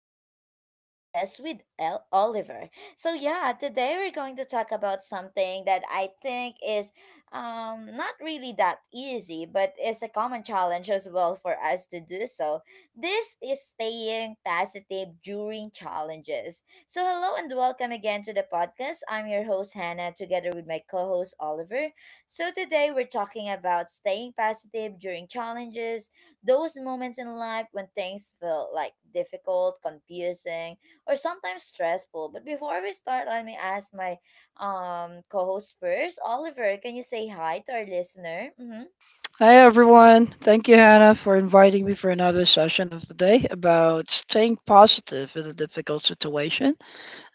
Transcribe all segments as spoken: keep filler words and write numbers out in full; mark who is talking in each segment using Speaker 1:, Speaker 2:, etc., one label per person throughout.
Speaker 1: back to another podcast with El Oliver. So yeah, today we're going to talk about something that I think is um not really that easy, but it's a common challenge as well for us to do so. This is staying positive during challenges. So hello and welcome again to the podcast. I'm your host Hannah together with my co-host Oliver. So today we're talking about staying positive during challenges, those moments in life when things feel like difficult, confusing, or sometimes stressful. But before we start, let me ask my um co-host first. Oliver, can you say hi to our listener? Mm-hmm.
Speaker 2: Hi everyone. Thank you, Hannah, for inviting me for another session of the day about staying positive in a difficult situation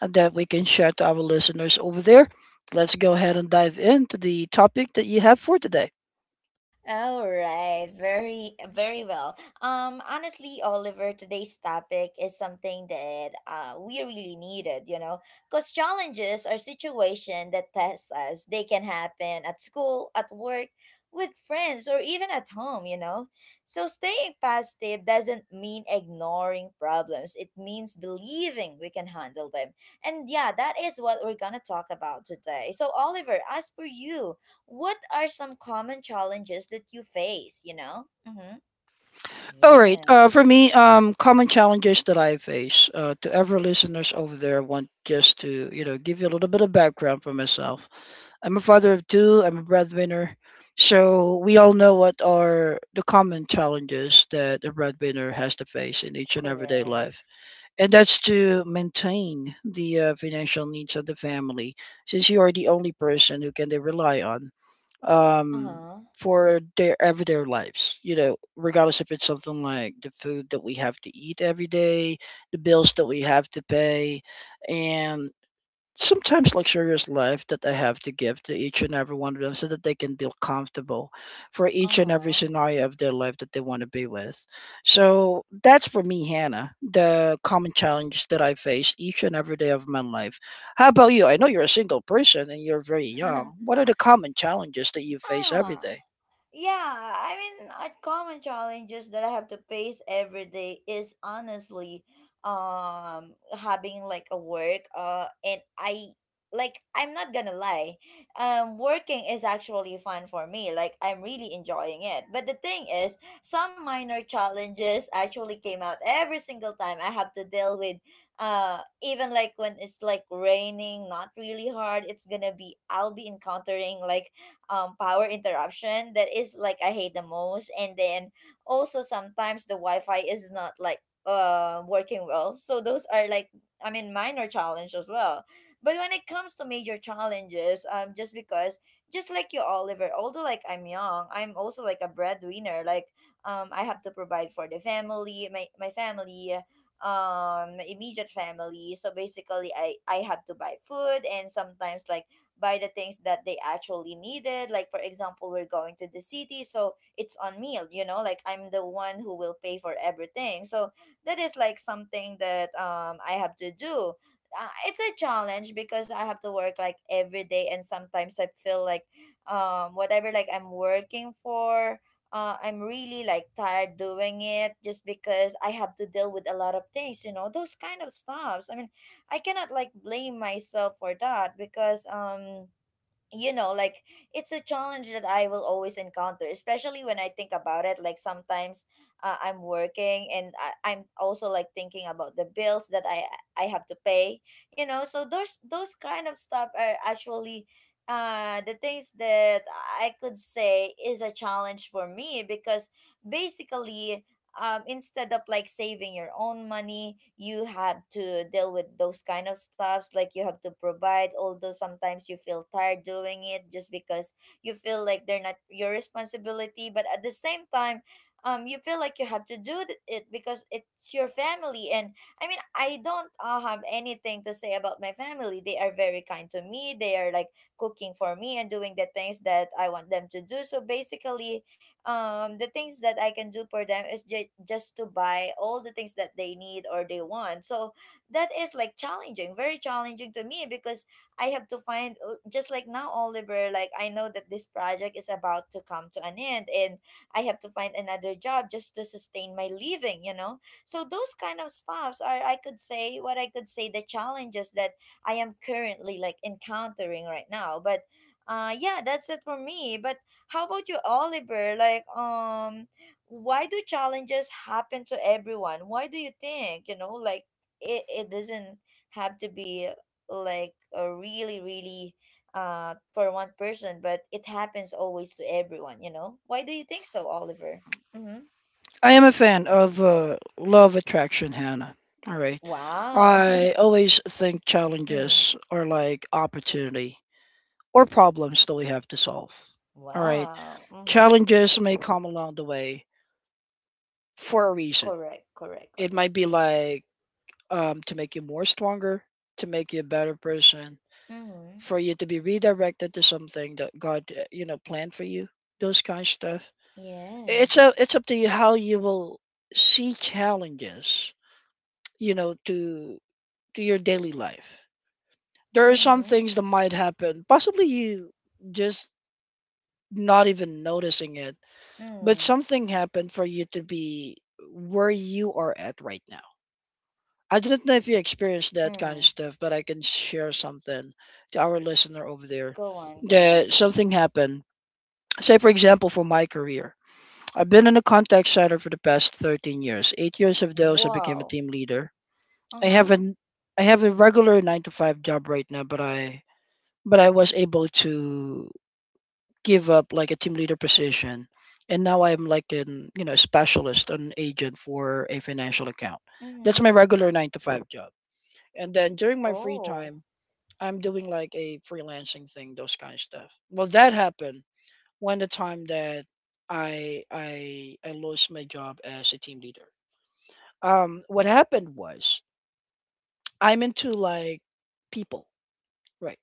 Speaker 2: and that we can share to our listeners over there. Let's go ahead and dive into the topic that you have for today.
Speaker 1: All right, very very well. Um honestly, Oliver, today's topic is something that uh we really needed, you know, cuz challenges are situation that test us. They can happen at school, at work, with friends, or even at home, you know. So staying positive doesn't mean ignoring problems. It means believing we can handle them. And yeah, that is what we're going to talk about today. So Oliver, as for you, what are some common challenges that you face, you know? Mm-hmm.
Speaker 2: All
Speaker 1: Yeah.
Speaker 2: right. Uh, for me, um, common challenges that I face. Uh, to every listeners over there, want just to you know give you a little bit of background for myself. I'm a father of two. I'm a breadwinner, so we all know what are the common challenges that a breadwinner has to face in each and everyday life,
Speaker 1: Correct.
Speaker 2: and that's to maintain the uh, financial needs of the family, since you are the only person who can they rely on um,
Speaker 1: Uh-huh.
Speaker 2: for their everyday lives. You know, regardless if it's something like the food that we have to eat every day, the bills that we have to pay, and sometimes luxurious life that I have to give to each and every one of them so that they can feel comfortable for each and every
Speaker 1: Uh-huh.
Speaker 2: scenario of their life that they want to be with. So that's for me, Hannah, the common challenge that I face each and every day of my life. How about you? I know you're a single person and you're very young. What are the common challenges that you face every
Speaker 1: Ah.
Speaker 2: day?
Speaker 1: Yeah, I mean, a common challenges that I have to face every day is honestly, um, having like a work, uh, and I like I'm not gonna lie, um, working is actually fun for me. Like I'm really enjoying it. But the thing is, some minor challenges actually came out every single time I have to deal with, uh, even like when it's like raining, not really hard. It's gonna be I'll be encountering like um power interruption that is like I hate the most. And then also sometimes the Wi-Fi is not like uh working well. So those are like I mean minor challenge as well. But when it comes to major challenges, um just because just like you Oliver, although like I'm young, I'm also like a breadwinner. Like um I have to provide for the family, my my family, um my immediate family, so basically i i have to buy food and sometimes like buy the things that they actually needed. Like, for example, we're going to the city, so it's on me, you know, like I'm the one who will pay for everything. So that is like something that um, I have to do. Uh, it's a challenge because I have to work like every day, and sometimes I feel like um, whatever like I'm working for, uh, I'm really like tired doing it just because I have to deal with a lot of things, you know, those kind of stuffs. I mean, I cannot like blame myself for that because um you know like it's a challenge that I will always encounter, especially when I think about it like sometimes uh, I'm working and I, I'm also like thinking about the bills that I I have to pay, you know, so those those kind of stuff are actually uh the things that I could say is a challenge for me because basically, um, instead of like saving your own money, you have to deal with those kind of stuffs. Like you have to provide, although sometimes you feel tired doing it just because you feel like they're not your responsibility. But at the same time, um, you feel like you have to do th- it because it's your family. And I mean, I don't uh, have anything to say about my family. They are very kind to me. They are like cooking for me and doing the things that I want them to do. So basically, um the things that I can do for them is ju- just to buy all the things that they need or they want. So that is like challenging, very challenging to me because I have to find, uh, just like now Oliver, like I know that this project is about to come to an end and I have to find another job just to sustain my living, you know? So those kind of stuffs are I could say what I could say the challenges that I am currently like encountering right now. But uh yeah, that's it for me. But how about you, Oliver? Like, um, why do challenges happen to everyone? Why do you think, you know, like it, it doesn't have to be like a really, really uh for one person, but it happens always to everyone, you know? Why do you think so, Oliver? Mm-hmm.
Speaker 2: I am a fan of uh, love attraction, Hannah. All right.
Speaker 1: Wow.
Speaker 2: I always think
Speaker 1: Hmm.
Speaker 2: challenges are like opportunity or problems that we have to solve. All right.
Speaker 1: Wow. Mm-hmm.
Speaker 2: Challenges may come along the way for a reason.
Speaker 1: Correct, correct,
Speaker 2: It
Speaker 1: correct.
Speaker 2: might be like um, to make you more stronger, to make you a better person,
Speaker 1: Mm-hmm.
Speaker 2: for you to be redirected to something that God, uh, you know, planned for you. Those kind of stuff. It's
Speaker 1: Yes.
Speaker 2: a, it's up to you how you will see challenges, you know, to to your daily life. There are some
Speaker 1: Mm-hmm.
Speaker 2: things that might happen. Possibly you just not even noticing it. But
Speaker 1: Mm.
Speaker 2: something happened for you to be where you are at right now. I don't know if you experienced that kind of
Speaker 1: Mm.
Speaker 2: stuff, but I can share something to our listener over there
Speaker 1: Go on, go
Speaker 2: that
Speaker 1: on.
Speaker 2: something happened. Say, for example, for my career, I've been in a contact center for the past thirteen years. Eight years of those, I became a
Speaker 1: Wow.
Speaker 2: team leader. I
Speaker 1: Uh-huh.
Speaker 2: have an I have a regular nine to five job right now, but I but I was able to give up like a team leader position, and now I'm like an, you know, specialist, an agent for a financial account. That's
Speaker 1: Mm-hmm.
Speaker 2: my regular nine to five job, and then during my free
Speaker 1: Oh.
Speaker 2: time I'm doing like a freelancing thing, those kind of stuff. Well, that happened when the time that i i i lost my job as a team leader. Um what happened was I'm into like people, right?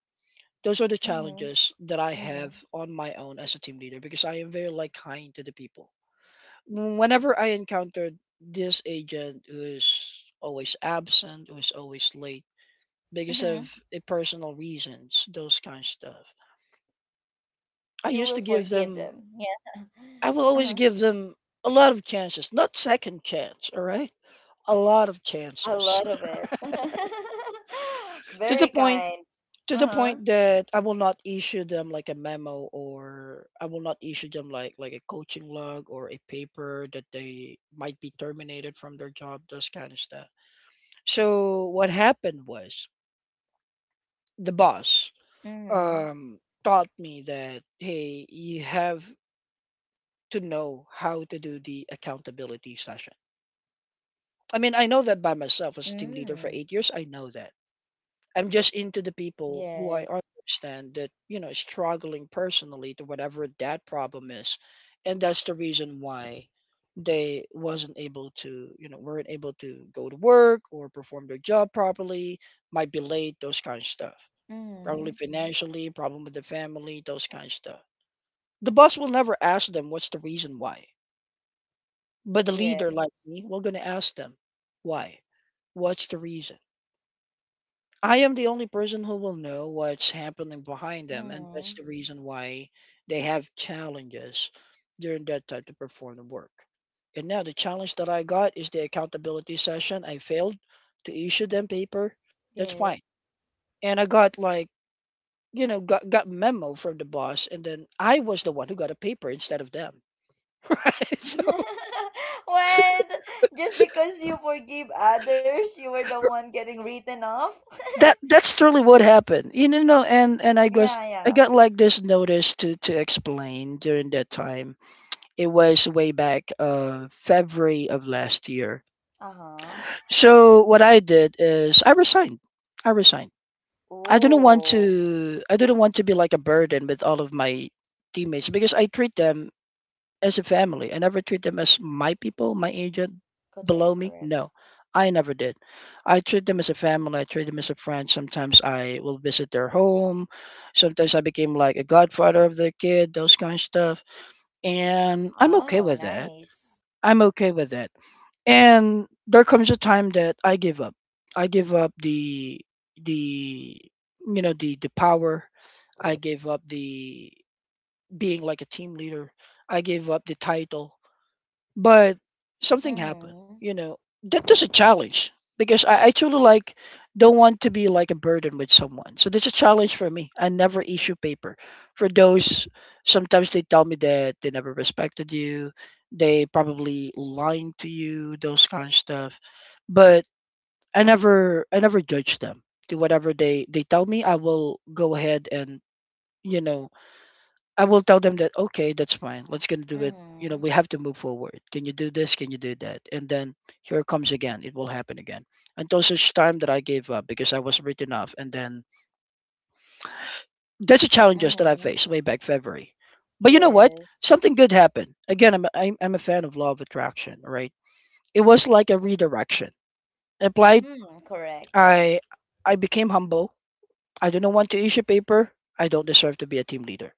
Speaker 2: Those are the
Speaker 1: Mm-hmm.
Speaker 2: challenges that I
Speaker 1: Mm-hmm.
Speaker 2: have on my own as a team leader because I am very like kind to the people. Mm, whenever I encountered this agent who's always absent, who's always late because
Speaker 1: Mm-hmm.
Speaker 2: of eh, personal reasons, those kind of stuff, I
Speaker 1: You
Speaker 2: used
Speaker 1: will
Speaker 2: to give
Speaker 1: forgive
Speaker 2: them,
Speaker 1: them. Yeah.
Speaker 2: I will always
Speaker 1: Uh-huh.
Speaker 2: give them a lot of chances, not second chance, all right? A lot of
Speaker 1: A
Speaker 2: chances
Speaker 1: lot of it.
Speaker 2: to the
Speaker 1: Very
Speaker 2: point
Speaker 1: kind.
Speaker 2: to the
Speaker 1: Uh-huh.
Speaker 2: point that I will not issue them like a memo or I will not issue them like like a coaching log or a paper that they might be terminated from their job, those kind of stuff. So what happened was the boss
Speaker 1: Mm-hmm.
Speaker 2: um, taught me that, hey, you have to know how to do the accountability session. I mean, I know that by myself as a team leader for
Speaker 1: Mm.
Speaker 2: eight years. I know that. I'm just into the people who I
Speaker 1: Yes.
Speaker 2: understand that, you know, struggling personally to whatever that problem is, and that's the reason why they wasn't able to you know weren't able to go to work or perform their job properly, might be late, those kind of stuff,
Speaker 1: Mm-hmm.
Speaker 2: probably financially, problem with the family, those kind of stuff. The boss will never ask them what's the reason why. But the
Speaker 1: Yeah.
Speaker 2: leader like me, we're gonna ask them why. What's the reason? I am the only person who will know what's happening behind them, and that's
Speaker 1: Mm-hmm.
Speaker 2: the reason why they have challenges during that time to perform the work. And now the challenge that I got is the accountability session. I failed to issue them paper. That's
Speaker 1: Yes.
Speaker 2: fine. And I got like, you know, got got memo from the boss, and then I was the one who got a paper instead of them. Right? So
Speaker 1: What? Just because you forgive others, you were the one getting written off?
Speaker 2: that that's truly what happened. You know, and and I was,
Speaker 1: Yeah,
Speaker 2: I
Speaker 1: yeah.
Speaker 2: got like this notice to to explain during that time. It was way back uh February of last year.
Speaker 1: Uh-huh.
Speaker 2: So what I did is I resigned. I resigned. I didn't want
Speaker 1: Oh,
Speaker 2: to I didn't want to be like a burden with all of my teammates because I treat them as a family. I never treat them as my people, my agent, below
Speaker 1: correct,
Speaker 2: me.
Speaker 1: correct.
Speaker 2: No, I never did. I treat them as a family. I treat them as a friend. Sometimes I will visit their home. Sometimes I became like a godfather of their kid, those kind of stuff. And I'm okay
Speaker 1: Oh,
Speaker 2: with that.
Speaker 1: nice.
Speaker 2: I'm okay with that. And there comes a time that I give up. I give up the the you know the the power. I gave up the being like a team leader. I gave up the title, but something happened,
Speaker 1: Mm-hmm.
Speaker 2: you know, that is a challenge because I, I truly like don't want to be like a burden with someone, so there's a challenge for me. I never issue paper for those. Sometimes they tell me that they never respected you, they probably lying to you, those kind of stuff, but i never I never judge them. To whatever they they tell me, I will go ahead and, you know, I will tell them that, okay, that's fine. Let's gonna do it. You know,
Speaker 1: Mm-hmm.
Speaker 2: we have to move forward. Can you do this? Can you do that? And then here it comes again. It will happen again until such time that I gave up because I was written off. And then that's the challenges that I
Speaker 1: Mm-hmm.
Speaker 2: faced way back February. But you know what?
Speaker 1: Yes.
Speaker 2: Something good happened. Again, I'm a- I'm, I'm a fan of law of attraction. Right? It was like a redirection. I applied.
Speaker 1: Hmm, correct, correct.
Speaker 2: I I became humble. I do not want to issue paper. I don't deserve to be a team leader,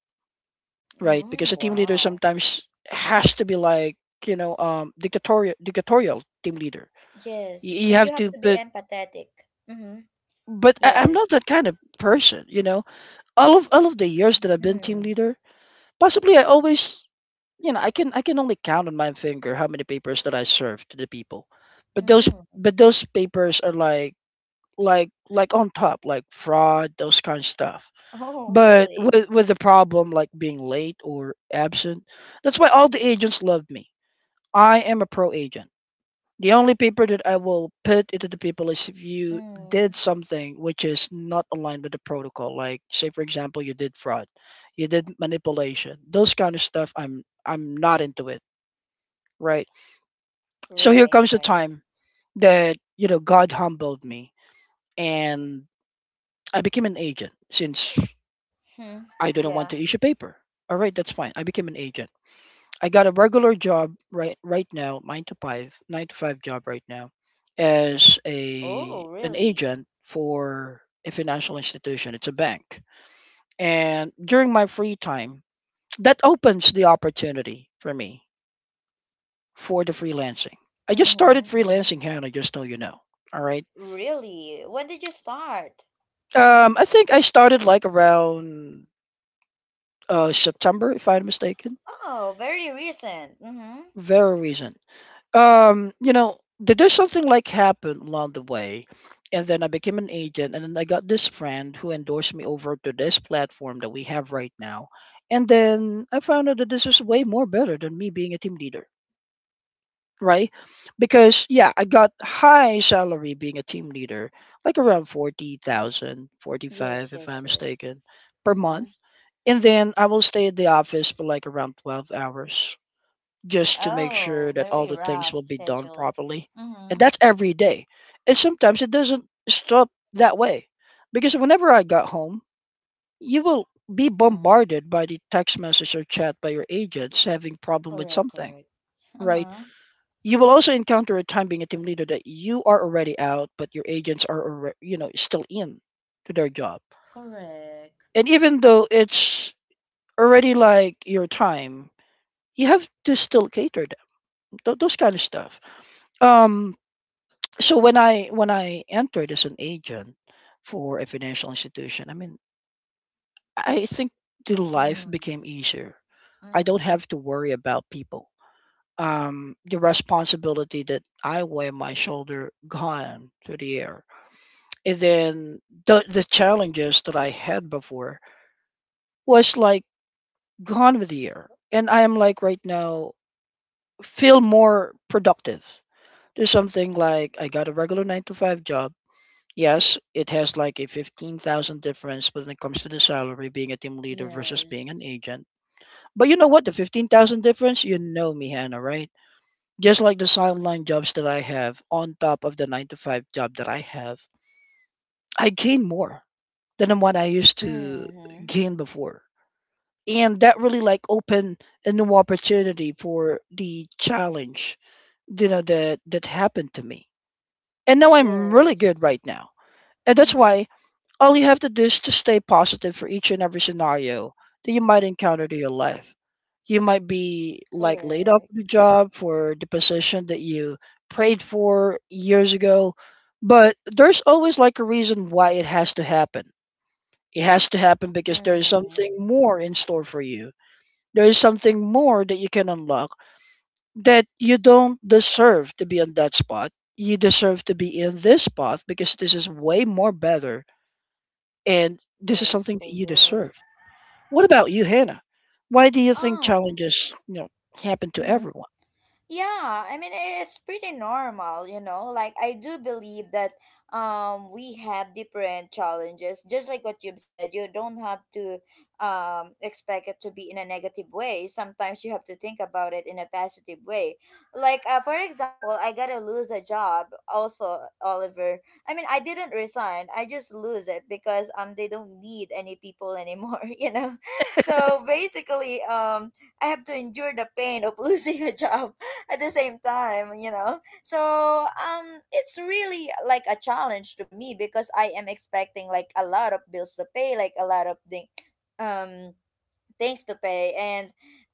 Speaker 2: right? Because
Speaker 1: Mm,
Speaker 2: a team leader
Speaker 1: wow.
Speaker 2: sometimes has to be like, you know, um dictatorial dictatorial team leader. you,
Speaker 1: Yes.
Speaker 2: you
Speaker 1: And
Speaker 2: have
Speaker 1: you have
Speaker 2: to
Speaker 1: to be
Speaker 2: put,
Speaker 1: empathetic. Mm-hmm.
Speaker 2: but I, I'm not
Speaker 1: Yes.
Speaker 2: that kind of person, you know. All of all of the years that I've been team
Speaker 1: Mm.
Speaker 2: leader, possibly I always, you know, i can I can only count on my finger how many papers that I serve to the people. But those,
Speaker 1: Mm.
Speaker 2: but those papers are like, like like on top, like fraud, those kind of stuff.
Speaker 1: Oh,
Speaker 2: But
Speaker 1: really?
Speaker 2: with with the problem like being late or absent, that's why all the agents love me. I am a pro agent. The only people that I will put into the people is if you did
Speaker 1: Mm.
Speaker 2: something which is not aligned with the protocol. Like, say for example, you did fraud, you did manipulation, those kind of stuff, I'm I'm not into it. Right. So here
Speaker 1: Right,
Speaker 2: comes the
Speaker 1: right.
Speaker 2: time that, you know, God humbled me, and I became an agent since
Speaker 1: Hmm.
Speaker 2: I do not want
Speaker 1: Yeah.
Speaker 2: to issue paper. All right, that's fine. I became an agent. I got a regular job right right now, nine to five, nine to five job right now, as a
Speaker 1: Oh,
Speaker 2: an
Speaker 1: really?
Speaker 2: agent for a financial institution. It's a bank, and during my free time, that opens the opportunity for me for the freelancing. I just started
Speaker 1: Mm-hmm. Mm-hmm.
Speaker 2: freelancing, Hannah. Just so you know, all right.
Speaker 1: Really? When did you start?
Speaker 2: Um,
Speaker 1: Mm-hmm.
Speaker 2: I think I started like around uh September, if I'm mistaken.
Speaker 1: Oh, very recent. Mm-hmm.
Speaker 2: Very recent. Um you know, th- there's something like happened along the way, and then I became an agent, and then I got this friend who endorsed me over to this platform that we have right now. And then I found out that this is way more better than me being a team leader, right? Because, yeah, I got high salary being a team leader, like around forty thousand, forty five,
Speaker 1: Yes,
Speaker 2: if I'm
Speaker 1: yes, yes.
Speaker 2: mistaken, per month.
Speaker 1: Mm-hmm.
Speaker 2: And then I will stay at the office for like around twelve hours just to make sure
Speaker 1: Oh,
Speaker 2: that all
Speaker 1: very
Speaker 2: the things
Speaker 1: rough
Speaker 2: will be done
Speaker 1: schedule.
Speaker 2: properly. And
Speaker 1: Mm-hmm.
Speaker 2: that's every day. And sometimes it doesn't stop that way. Because whenever I got home, you will be
Speaker 1: Mm.
Speaker 2: bombarded by the text message or chat by your agents having problem with
Speaker 1: Correct,
Speaker 2: something,
Speaker 1: correct.
Speaker 2: right?
Speaker 1: Uh-huh.
Speaker 2: You will also encounter a time being a team leader that you are already out, but your agents are, alre- you know, still in to their job.
Speaker 1: Correct.
Speaker 2: And even though it's already like your time, you have to still cater them, th- those kind of stuff. Um, so when i when i entered as an agent for a financial institution, I mean I think the life
Speaker 1: Mm.
Speaker 2: became easier. I don't
Speaker 1: Mm-hmm.
Speaker 2: have to worry about people. Um, the responsibility that I wear on my shoulder gone through the air, and then the, the challenges that I had before was like gone with the air, and I am like right now feel more productive. There's something like I got a regular nine to five job. Yes, it has like a fifteen thousand difference when it comes to the salary being a team leader versus being an
Speaker 1: Yes.
Speaker 2: agent. But you know what? The fifteen thousand difference, you know me, Hannah, right? Just like the sideline jobs that I have on top of the nine to five job that I have, I gain more than the one I used to
Speaker 1: Mm-hmm.
Speaker 2: gain before. And that really like opened a new opportunity for the challenge, you know, that that happened to me. And now I'm really
Speaker 1: Yes.
Speaker 2: good right now. And that's
Speaker 1: Mm-hmm.
Speaker 2: why all you have to do is to stay positive for each and every scenario that you might encounter to your life. You might be like laid off
Speaker 1: Correct.
Speaker 2: from the job for the position that you prayed for years ago, but there's always like a reason why it has to happen. It has to happen because there is
Speaker 1: Mm-hmm.
Speaker 2: something more in store for you. There is something more that you can unlock, that you don't deserve to be on that spot. You deserve to be in this spot because this is way more better and this is
Speaker 1: Yes,
Speaker 2: something that you
Speaker 1: correct.
Speaker 2: deserve. What about you, Hannah? Why do you think
Speaker 1: Um,
Speaker 2: challenges, you know, happen to
Speaker 1: mm-hmm.
Speaker 2: everyone?
Speaker 1: Yeah, I mean i- it's pretty normal, you know. Like I do believe that um we have different challenges. Just like what you've said, you don't have to um expect it to be in a negative way. Sometimes you have to think about it in a positive way. Like uh, for example, I got to lose a job also, Oliver. I mean, I didn't resign. I just lose it because um they don't need any people anymore, you know. So basically, um I have to endure the pain of losing a job at the same time, you know. So um it's really like a challenge to me because I am expecting like a lot of bills to pay, like a lot of thing um things to pay and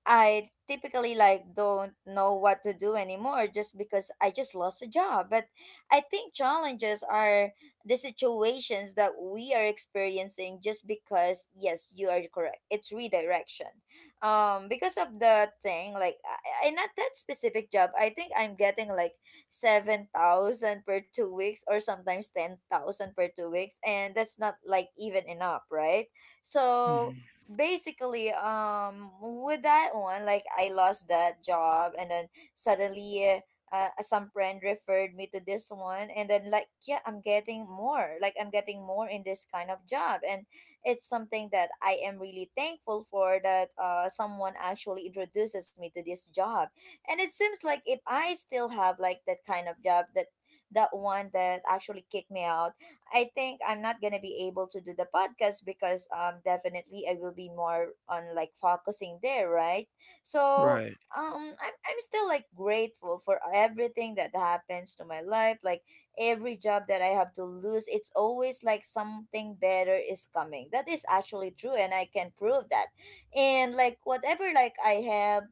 Speaker 1: I typically like don't know what to do anymore just because I just lost a job. But I think challenges are the situations that we are experiencing just because yes you are correct, it's redirection, um because of the thing like I, I not that specific job, I think I'm getting like seven thousand per two weeks or sometimes ten thousand per two weeks and that's not like even enough, right? So
Speaker 2: Mhm.
Speaker 1: basically, um with that one like I lost that job and then suddenly, uh, some friend referred me to this one and then like yeah I'm getting more, like I'm getting more in this kind of job and it's something that I am really thankful for, that uh, someone actually introduces me to this job. And it seems like if I still have like that kind of job, that that one that actually kicked me out, I think I'm not gonna be able to do the podcast because um definitely I will be more on like focusing there, right? So
Speaker 2: Right.
Speaker 1: um I'm I'm still like grateful for everything that happens to my life. Like every job that I have to lose, it's always like something better is coming. That is actually true and I can prove that. And like whatever like I have,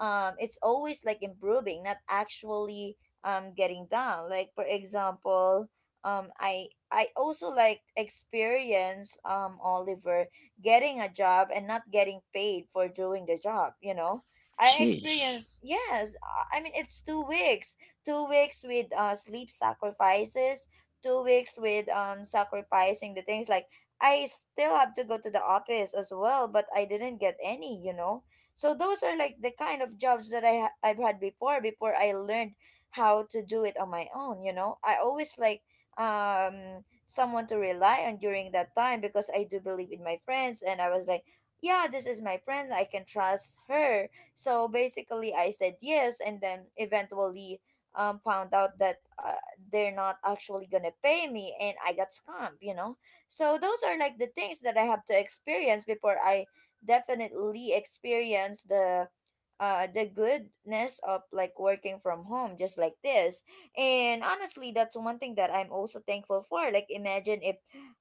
Speaker 1: um it's always like improving, not actually um getting down. Like for example, um I I also like experience um Oliver getting a job and not getting paid for doing the job, you know. I
Speaker 2: Jeez.
Speaker 1: experienced yes, I I mean it's two weeks. two weeks with uh sleep sacrifices, two weeks with um sacrificing the things like I still have to go to the office as well, but I didn't get any, you know. So those are like the kind of jobs that I ha- I've had before, before I learned how to do it on my own, you know. I always like um someone to rely on during that time because I do believe in my friends and I was like, yeah, this is my friend, I can trust her. So basically I said yes and then eventually um found out that uh, they're not actually going to pay me and I got scammed, you know. So those are like the things that I have to experience before I definitely experience the uh, the goodness of like working from home just like this. And honestly that's one thing that I'm also thankful for. Like imagine if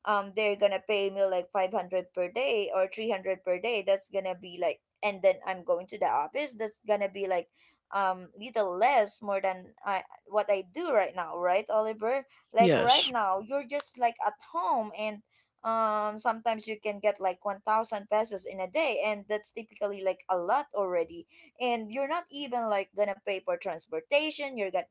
Speaker 1: um they're gonna pay me like five hundred per day or three hundred per day, that's gonna be like and then I'm going to the office, that's gonna be like um little less more than I what I do right now, right, Oliver? Like right
Speaker 2: Yes.
Speaker 1: now you're just like at home and um sometimes you can get like one thousand pesos in a day and that's typically like a lot already. And you're not even like gonna pay for transportation, you're got,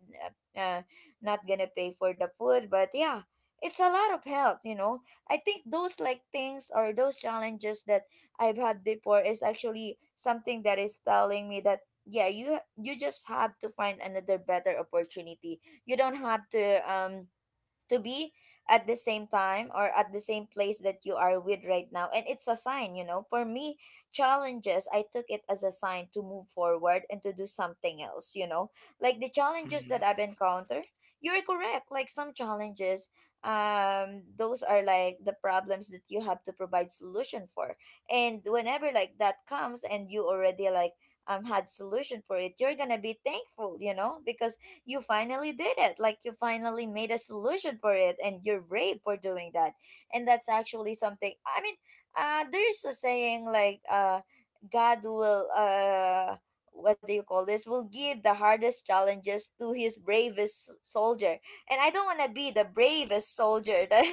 Speaker 1: uh, uh, not gonna pay for the food, but yeah, it's a lot of help, you know. I think those like things or those challenges that I've had before is actually something that is telling me that yeah, you you just have to find another better opportunity. You don't have to um to be at the same time or at the same place that you are with right now, and it's a sign, you know, for me. Challenges, I took it as a sign to move forward and to do something else, you know. Like the challenges
Speaker 2: Mhm.
Speaker 1: that I've encountered, you're correct. Like some challenges, um those are like the problems that you have to provide solution for. And whenever like that comes and you already like um had solution for it, you're gonna be thankful, you know, because you finally did it. Like you finally made a solution for it and you're brave for doing that. And that's actually something I mean, uh there's a saying like uh God will uh what do you call this, will give the hardest challenges to his bravest soldier. And I don't want to be the bravest soldier that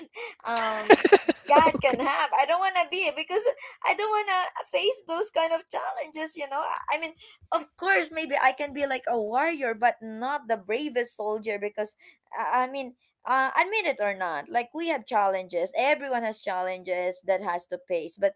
Speaker 1: um God can
Speaker 2: Okay.
Speaker 1: have. I don't want to be because I don't want to face those kind of challenges, you know. I I mean of course maybe I can be like a warrior but not the bravest soldier, because i, I mean uh, admit it or not, like we have challenges, everyone has challenges that has to face. But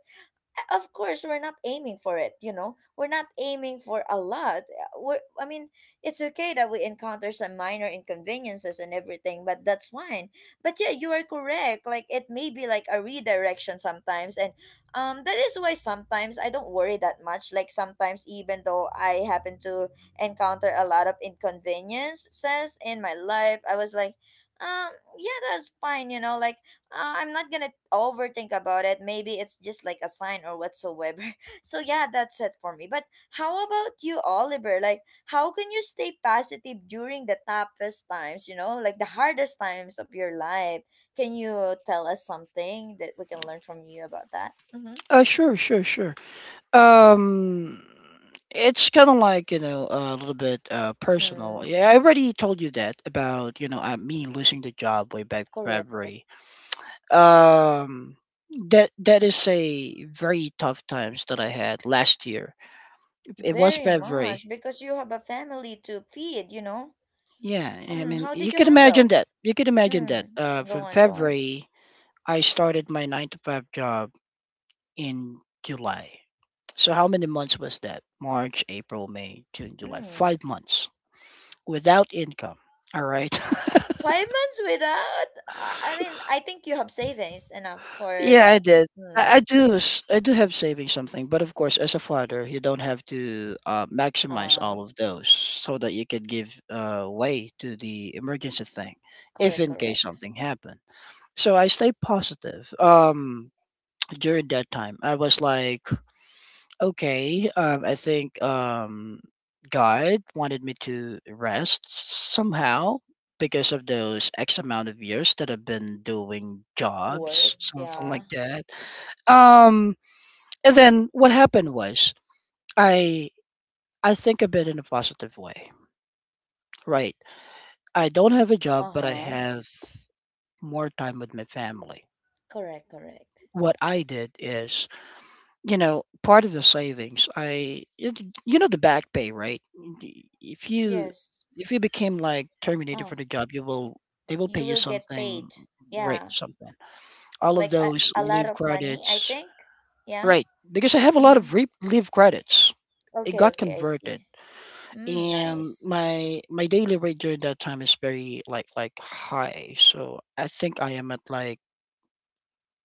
Speaker 1: of course we're not aiming for it, you know, we're not aiming for a lot. We're, i mean it's okay that we encounter some minor inconveniences and everything, but that's fine. But yeah, you are correct. Like it may be like a redirection sometimes. And um that is why sometimes I don't worry that much. Like sometimes even though I happen to encounter a lot of inconveniences in my life, I was like, um yeah, that's fine, you know. Like uh, I'm not gonna overthink about it. Maybe it's just like a sign or whatsoever. So yeah, that's it for me. But how about you, Oliver? Like, how can you stay positive during the toughest times? You know, like the hardest times of your life. Can you tell us something that we can learn from you about that? Mm-hmm.
Speaker 2: Uh, sure, sure, sure. Um, it's kind of like, you know a little bit uh personal.
Speaker 1: Mm,
Speaker 2: Yeah, I already told you that about you know uh, me losing the job way back
Speaker 1: correct.
Speaker 2: February. Um, that that is a very tough times that I had last year. It was
Speaker 1: Very
Speaker 2: February.
Speaker 1: much because you have a family to feed, you know.
Speaker 2: Yeah, I
Speaker 1: Um,
Speaker 2: mean,
Speaker 1: how
Speaker 2: you
Speaker 1: did you
Speaker 2: can imagine
Speaker 1: handle?
Speaker 2: that. You can imagine that.
Speaker 1: Mm,
Speaker 2: Uh,
Speaker 1: go
Speaker 2: from
Speaker 1: on, go on.
Speaker 2: February, I started my nine to five job in July. So how many months was that? March, April, May, June, July.
Speaker 1: Mm.
Speaker 2: Five months without income. All right.
Speaker 1: Five months without? Uh, I mean, I think you have savings enough for
Speaker 2: Yeah, I
Speaker 1: that.
Speaker 2: did.
Speaker 1: Hmm.
Speaker 2: I, I do. s- I do have saving something, but of course, as a father, you don't have to uh, maximize
Speaker 1: Uh,
Speaker 2: all of those so that you can give uh, way to the emergency thing, if
Speaker 1: correct,
Speaker 2: in case
Speaker 1: correct.
Speaker 2: something happens. So I stay positive. Um during that time, I was like, okay, um I think um God wanted me to rest somehow because of those X amount of years that I've been doing jobs,
Speaker 1: Work,
Speaker 2: something
Speaker 1: yeah.
Speaker 2: like that. Um and then what happened was I I think a bit in a positive way. Right. I don't have a job but I
Speaker 1: Uh-huh.
Speaker 2: have more time with my family.
Speaker 1: Correct, correct.
Speaker 2: What I did is, you know, part of the savings, I it, you know, the back pay, right? Y- If you,
Speaker 1: Yes.
Speaker 2: if you became like terminated for
Speaker 1: Oh,
Speaker 2: the job, you will, they will pay
Speaker 1: you
Speaker 2: you
Speaker 1: will get
Speaker 2: something,
Speaker 1: paid,
Speaker 2: right?
Speaker 1: yeah.
Speaker 2: Something. All of
Speaker 1: Like a,
Speaker 2: those
Speaker 1: a lot
Speaker 2: leave
Speaker 1: of money, I
Speaker 2: credits,
Speaker 1: think. Yeah.
Speaker 2: right? Because I have a lot
Speaker 1: Mm-hmm.
Speaker 2: of re- leave credits. It
Speaker 1: Okay,
Speaker 2: got
Speaker 1: okay, I
Speaker 2: converted,
Speaker 1: see. Mm,
Speaker 2: and
Speaker 1: nice.
Speaker 2: my my daily rate during that time is very like like high. So I think I am at like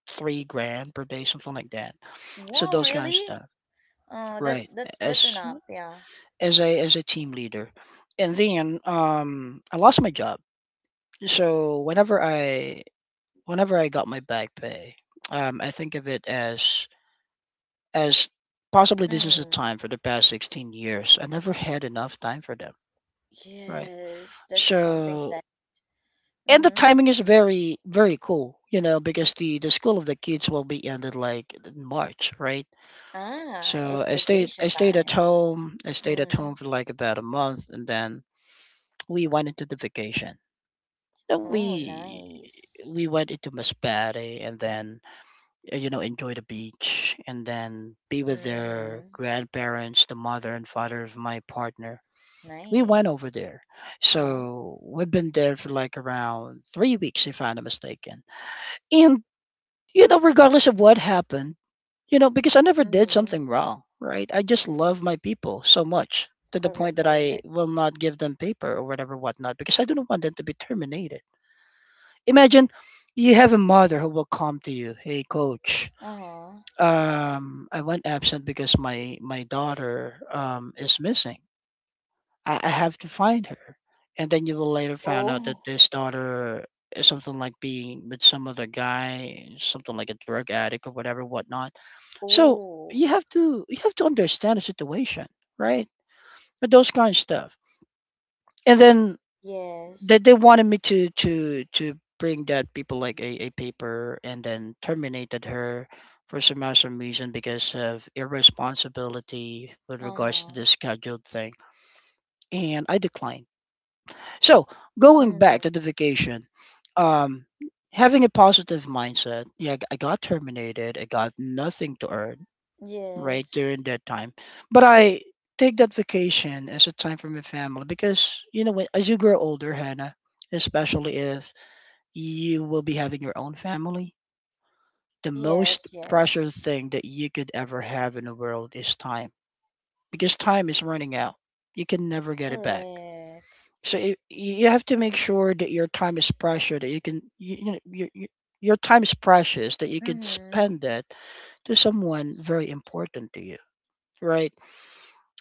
Speaker 2: three grand per day, something like that. So
Speaker 1: Wow,
Speaker 2: those kind of
Speaker 1: really?
Speaker 2: stuff,
Speaker 1: Oh, that's
Speaker 2: right?
Speaker 1: that's that's
Speaker 2: As
Speaker 1: enough, yeah.
Speaker 2: as a as a team leader. And then um, I lost my job. So whenever I whenever I got my back pay, um, I think of it as as possibly this is a
Speaker 1: Mm.
Speaker 2: time for the past sixteen years. I never had enough time for them, right?
Speaker 1: Yes, that's something
Speaker 2: So,
Speaker 1: sad.
Speaker 2: and the
Speaker 1: Mm-hmm.
Speaker 2: timing is very very cool, you know, because the the school of the kids will be ended like in March, right?
Speaker 1: Ah,
Speaker 2: So
Speaker 1: it's
Speaker 2: I stayed
Speaker 1: vacation
Speaker 2: I stayed at
Speaker 1: time.
Speaker 2: home. I stayed at
Speaker 1: Mm.
Speaker 2: home for like about a month, and then we went into the vacation that
Speaker 1: Oh,
Speaker 2: we
Speaker 1: nice.
Speaker 2: we went into Masbate and then, uh, you know, enjoy the beach and then be with their
Speaker 1: Mm-hmm.
Speaker 2: grandparents, the mother and father of my partner. We went over
Speaker 1: Nice.
Speaker 2: there,
Speaker 1: Uh-huh.
Speaker 2: so we've been there for like around three weeks, if I'm not mistaken. And you know, regardless of what happened, you know, because I never did
Speaker 1: Mm-hmm.
Speaker 2: something wrong, right? I just love my people so much to the point
Speaker 1: Correct,
Speaker 2: that I
Speaker 1: correct.
Speaker 2: will not give them paper or whatever, whatnot, because I don't want them to be terminated. Imagine you have a mother who will come to you, "Hey, coach,
Speaker 1: Uh-huh.
Speaker 2: um, I went absent because my my daughter um, is missing. I, I have to find her." And then you will later find out that
Speaker 1: Oh,
Speaker 2: this daughter is something like being with some other guy, something like a drug addict or whatever, whatnot. So
Speaker 1: oh.
Speaker 2: you have to you have to understand the situation, right? But those kind of stuff. And then
Speaker 1: Yes.
Speaker 2: that they wanted me to to to bring that people like a, a paper and then terminated her for some awesome reason because of irresponsibility with regards to
Speaker 1: Uh-huh.
Speaker 2: the scheduled thing. And I declined. So going
Speaker 1: Mm.
Speaker 2: back to the vacation, um having a positive mindset, yeah, I got terminated, I got nothing to earn, right,
Speaker 1: Yes.
Speaker 2: during that time. But I take that vacation as a time for my family because you know when- as you grow older, Hannah, especially if you will be having your own family. The most
Speaker 1: Yes, yes.
Speaker 2: precious thing that you could ever have in the world is time because time is running out. You can never get it back.
Speaker 1: Correct.
Speaker 2: So it, you have to make sure that your time is precious, that you can, you, you know, you, you, your time is precious, that you can
Speaker 1: Mm-hmm.
Speaker 2: spend that to someone very important to you, right?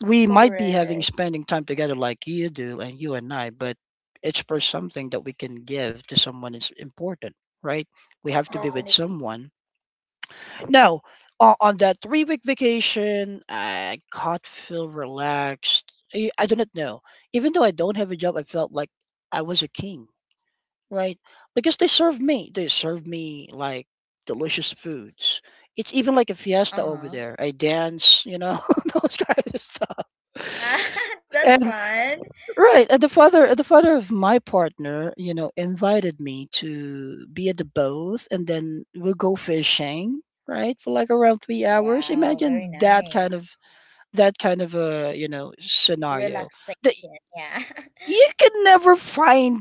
Speaker 2: We might be having
Speaker 1: Correct.
Speaker 2: spending time together like you do and you and I, but it's for something that we can give to someone is important, right? We have to be with
Speaker 1: Definitely.
Speaker 2: someone. No, on, on that three week vacation, I got feel relaxed. I, I do not know. Even though I don't have a job, I felt like I was a king, right? Because they served me. They served me like delicious foods. It's even like a fiesta over
Speaker 1: Uh-huh.
Speaker 2: there. I dance, you know, those kind of
Speaker 1: Ah,
Speaker 2: stuff.
Speaker 1: that's
Speaker 2: And
Speaker 1: fun.
Speaker 2: right. Uh, the father, uh, the father of my partner, you know, invited me to be at the boat, and then we'll go fishing, right, for like around three hours.
Speaker 1: Wow, very
Speaker 2: Imagine that kind
Speaker 1: nice.
Speaker 2: of, that kind of a, you know, scenario. The,
Speaker 1: Relaxation. Yeah.
Speaker 2: you can never find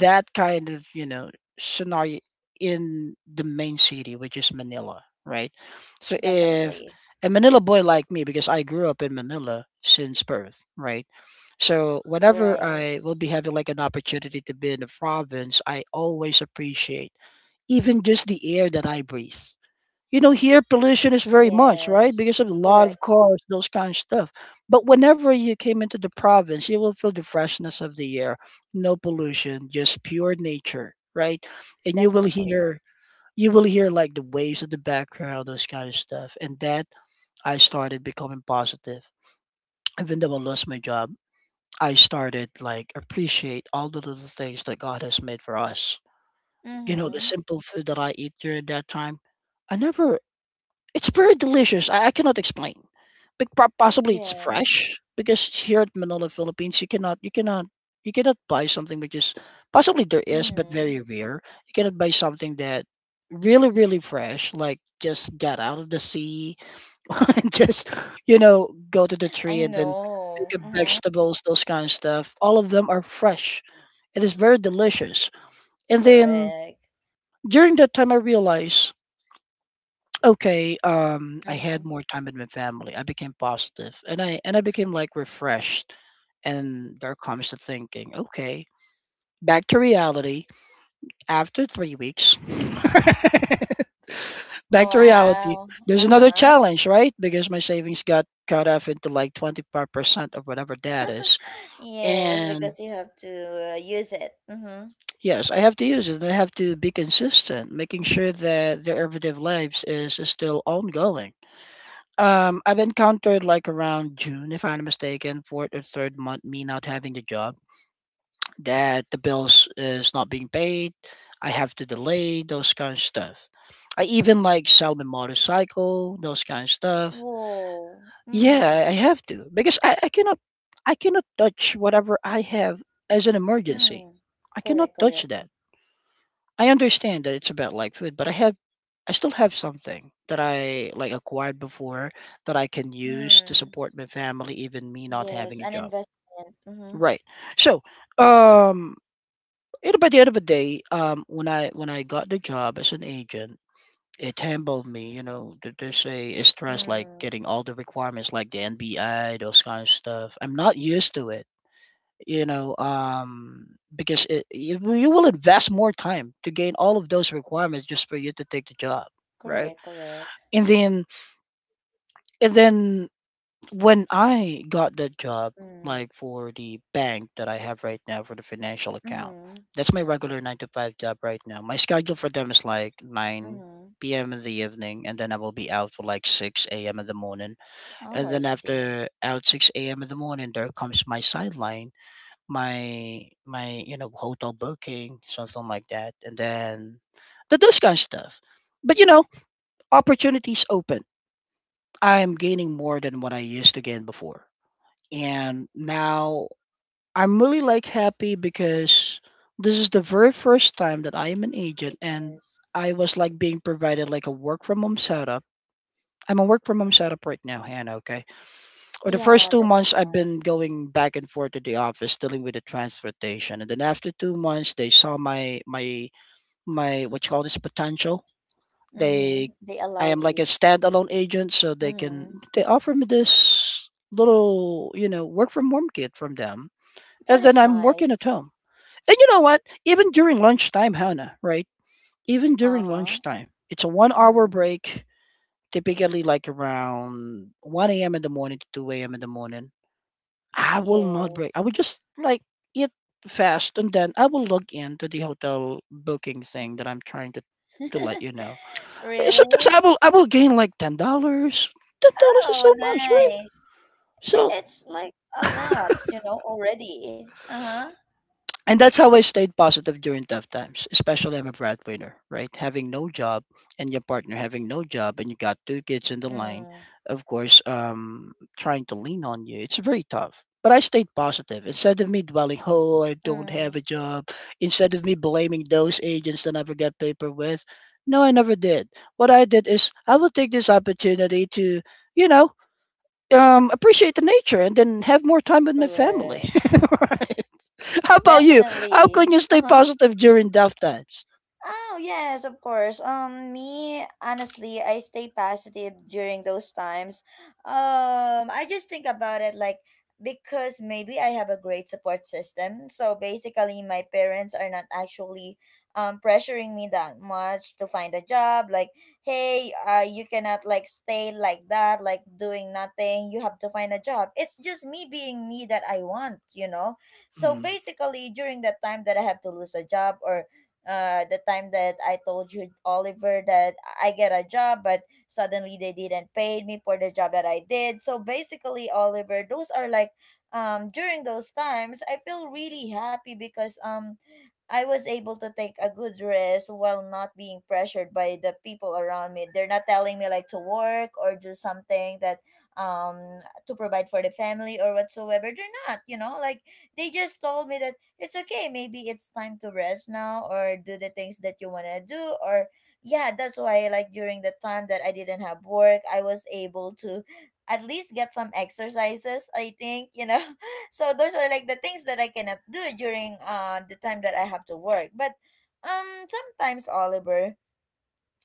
Speaker 2: that kind of, you know, scenario in the main city, which is Manila, right? So if
Speaker 1: Definitely.
Speaker 2: a Manila boy like me, because I grew up in Manila since birth, right, so whenever
Speaker 1: Right.
Speaker 2: I will be having like an opportunity to be in the province, I always appreciate even just the air that I breathe. You know, here pollution is very much, right,
Speaker 1: Yes.
Speaker 2: because of a lot of
Speaker 1: Correct.
Speaker 2: cars, those kind of stuff. But whenever you came into the province, you will feel the freshness of the air. No pollution, just pure nature, right? And you will
Speaker 1: Definitely.
Speaker 2: hear you will hear like the waves in the background, those kind of stuff. And that, I started becoming positive. Even though I lost my job, I started like appreciate all the little things that God has made for us. You know, the
Speaker 1: Mm-hmm.
Speaker 2: simple food that I eat during that time, I never, it's very delicious. I, I cannot explain. But pro- possibly it's
Speaker 1: Yes.
Speaker 2: fresh, because here at Manila, Philippines, you cannot, you cannot you cannot buy something which is, possibly there is, but
Speaker 1: Mm-hmm.
Speaker 2: very rare. You cannot buy something that really really fresh, like just got out of the sea and just, you know, go to the
Speaker 1: I
Speaker 2: tree and then pick
Speaker 1: know.
Speaker 2: up
Speaker 1: Mm-hmm.
Speaker 2: vegetables, those kind of stuff. All of them are fresh. It is very delicious. And then
Speaker 1: Correct.
Speaker 2: during that time, I realized, okay, um, I
Speaker 1: Mm-hmm.
Speaker 2: had more time with my family. I became positive, and I and I became like refreshed. And there comes the thinking, okay, back to reality. After three weeks, back to reality.
Speaker 1: Wow.
Speaker 2: There's another
Speaker 1: Uh-huh.
Speaker 2: challenge, right? Because my savings got cut off into like twenty-five percent of whatever that is.
Speaker 1: Yes,
Speaker 2: And
Speaker 1: because you have to uh, use it. Mm-hmm.
Speaker 2: yes, I have to use it, and I have to be consistent, making sure that their everyday lives is, is still ongoing. Um, I've encountered like around June, if I'm not mistaken, fourth or third month, me not having the job, that the bills is not being paid. I have to delay those kind of stuff. I even like sell my motorcycle, those kind of stuff.
Speaker 1: Whoa.
Speaker 2: Yeah,
Speaker 1: Mm.
Speaker 2: I I have to because I, I cannot, I cannot touch whatever I have as an emergency.
Speaker 1: Mm.
Speaker 2: I cannot
Speaker 1: Correct,
Speaker 2: touch
Speaker 1: correct.
Speaker 2: that. I understand that it's about like food, but I have I still have something that I like acquired before that I can use to
Speaker 1: Mm.
Speaker 2: support my family, even me not
Speaker 1: Yes,
Speaker 2: having a
Speaker 1: an
Speaker 2: job.
Speaker 1: investment. Mm-hmm.
Speaker 2: Right. So, um, you know, by the end of the day, um, when I when I got the job as an agent, it humbled me. You know, th- there's a, a stress like
Speaker 1: Mm.
Speaker 2: getting all the requirements like the N B I, those kind of stuff. I'm not used to it, you know um because it, you, you will invest more time to gain all of those requirements just for you to take the job, right?
Speaker 1: Correct, correct.
Speaker 2: And then and then when I got the job,
Speaker 1: Mm.
Speaker 2: like for the bank that I have right now for the financial account,
Speaker 1: Mm-hmm.
Speaker 2: that's my regular nine to five job. Right now my schedule for them is like
Speaker 1: Mm-hmm.
Speaker 2: nine p m in the evening, and then I will be out for like six a m in the morning.
Speaker 1: Oh,
Speaker 2: And
Speaker 1: I
Speaker 2: then
Speaker 1: see.
Speaker 2: after out six a m in the morning, there comes my sideline. My my you know hotel booking, something like that. And then the those kind of stuff. But you know opportunities open. I'm gaining more than what I used to gain before. And now I'm really like happy because this is the very first time that I am an agent, and I
Speaker 1: Yes.
Speaker 2: was like being provided like a work from home setup. I'm a work from home setup right now, Hannah. Okay, or the first
Speaker 1: Yeah,
Speaker 2: two
Speaker 1: that's
Speaker 2: months I've been
Speaker 1: nice.
Speaker 2: going back and forth to the office dealing with the transportation. And then after two months they saw my my my what you call this potential.
Speaker 1: Mm-hmm.
Speaker 2: They
Speaker 1: They
Speaker 2: I
Speaker 1: allowed
Speaker 2: am like a
Speaker 1: you.
Speaker 2: standalone agent, so they
Speaker 1: Mm-hmm.
Speaker 2: can they offer me this little, you know, work from home kit from them.
Speaker 1: That
Speaker 2: And then
Speaker 1: is
Speaker 2: I'm working at
Speaker 1: nice.
Speaker 2: home. And you know what? Even during lunchtime, Hannah, right? Even during
Speaker 1: Uh-huh.
Speaker 2: lunchtime, it's a one hour
Speaker 1: Mm.
Speaker 2: break, typically like around one a m in the morning to two a m in the morning. I will not break. I would
Speaker 1: Yes.
Speaker 2: just like eat fast, and then I will log in to the hotel booking thing that I'm trying to to let you know. Eh, Sometimes I
Speaker 1: Really?
Speaker 2: will I will gain like ten dollars. Ten dollars is
Speaker 1: Oh,
Speaker 2: so much, right?
Speaker 1: nice. I-
Speaker 2: So.
Speaker 1: It's like a lot, you know, already. Uh-huh.
Speaker 2: And that's how I stayed positive during tough times, especially I'm a breadwinner, right? Having no job and your partner having no job, and you got two kids in the line,
Speaker 1: Mm.
Speaker 2: of course, um, trying to lean on you, it's very tough. But I stayed positive. Instead of me dwelling, oh, I don't have a
Speaker 1: Mm.
Speaker 2: job, instead of me blaming those agents that never got paper with, no, I never did. What I did is I will take this opportunity to, you know, um, appreciate the nature and then have more time with my family.
Speaker 1: Correct.
Speaker 2: How about you? How can
Speaker 1: Definitely.
Speaker 2: you stay
Speaker 1: Uh-huh.
Speaker 2: positive during tough times?
Speaker 1: Oh, yes, of course. Um, me, honestly, I stay positive during those times. Um, I just think about it like because maybe I have a great support system. So basically, my parents are not actually um pressuring me that much to find a job. Like, hey, uh, you cannot like stay like that, like doing nothing. You have to find a job. It's just me being me that I want, you know. So basically, during that time that I have to lose a job or uh the time that I told you, Oliver, that I get a job but suddenly they didn't pay me for the job that I did. So basically Oliver, those are like um during those times I feel really happy because um I was able to take a good rest while not being pressured by the people around me. They're not telling me like to work or do something that um to provide for the family or whatsoever. They're not, you know, like they just told me that it's okay, maybe it's time to rest now or do the things that you want to do. Or yeah, that's why like during the time that I didn't have work, I was able to at least get some exercises, I think, you know. So those are like the things that I cannot do during uh the time that I have to work. But um sometimes Oliver,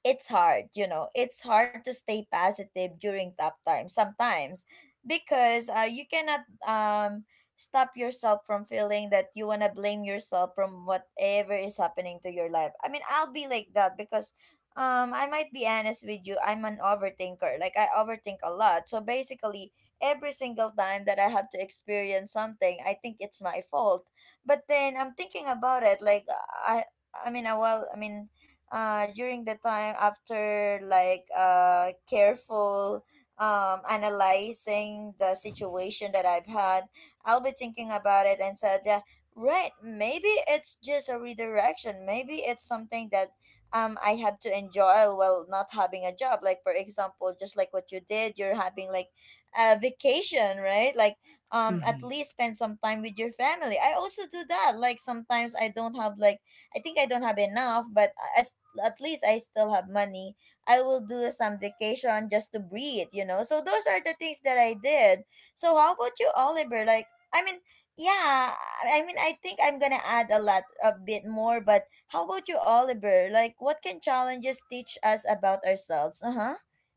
Speaker 1: it's hard, you know, it's hard to stay positive during tough times sometimes because uh, you cannot um stop yourself from feeling that you want to blame yourself from whatever is happening to your life. I mean, I'll be like that because um I might be honest with you, I'm an overthinker. Like I overthink a lot. So basically, every single time that I have to experience something, I think it's my fault. But then I'm thinking about it like I I mean, I well, I mean uh, during the time after like uh, careful um, analyzing the situation that I've had, I'll be thinking about it and said, yeah, right, maybe it's just a redirection. Maybe it's something that um, I have to enjoy while not having a job. Like, for example, just like what you did, you're having like a vacation, right? Like, um, at
Speaker 2: Mm-hmm.
Speaker 1: least spend some time with your family. I also do that. Like, sometimes I don't have like I think I don't have enough, but as at least I still have money. I will do some vacation just to breathe, you know. So those are the things that I did. So how about you, Oliver? Like, I mean, yeah, I I mean, I think I'm gonna add a lot, a bit more. But how about you, Oliver? Like, what can challenges teach us about ourselves? Uh huh.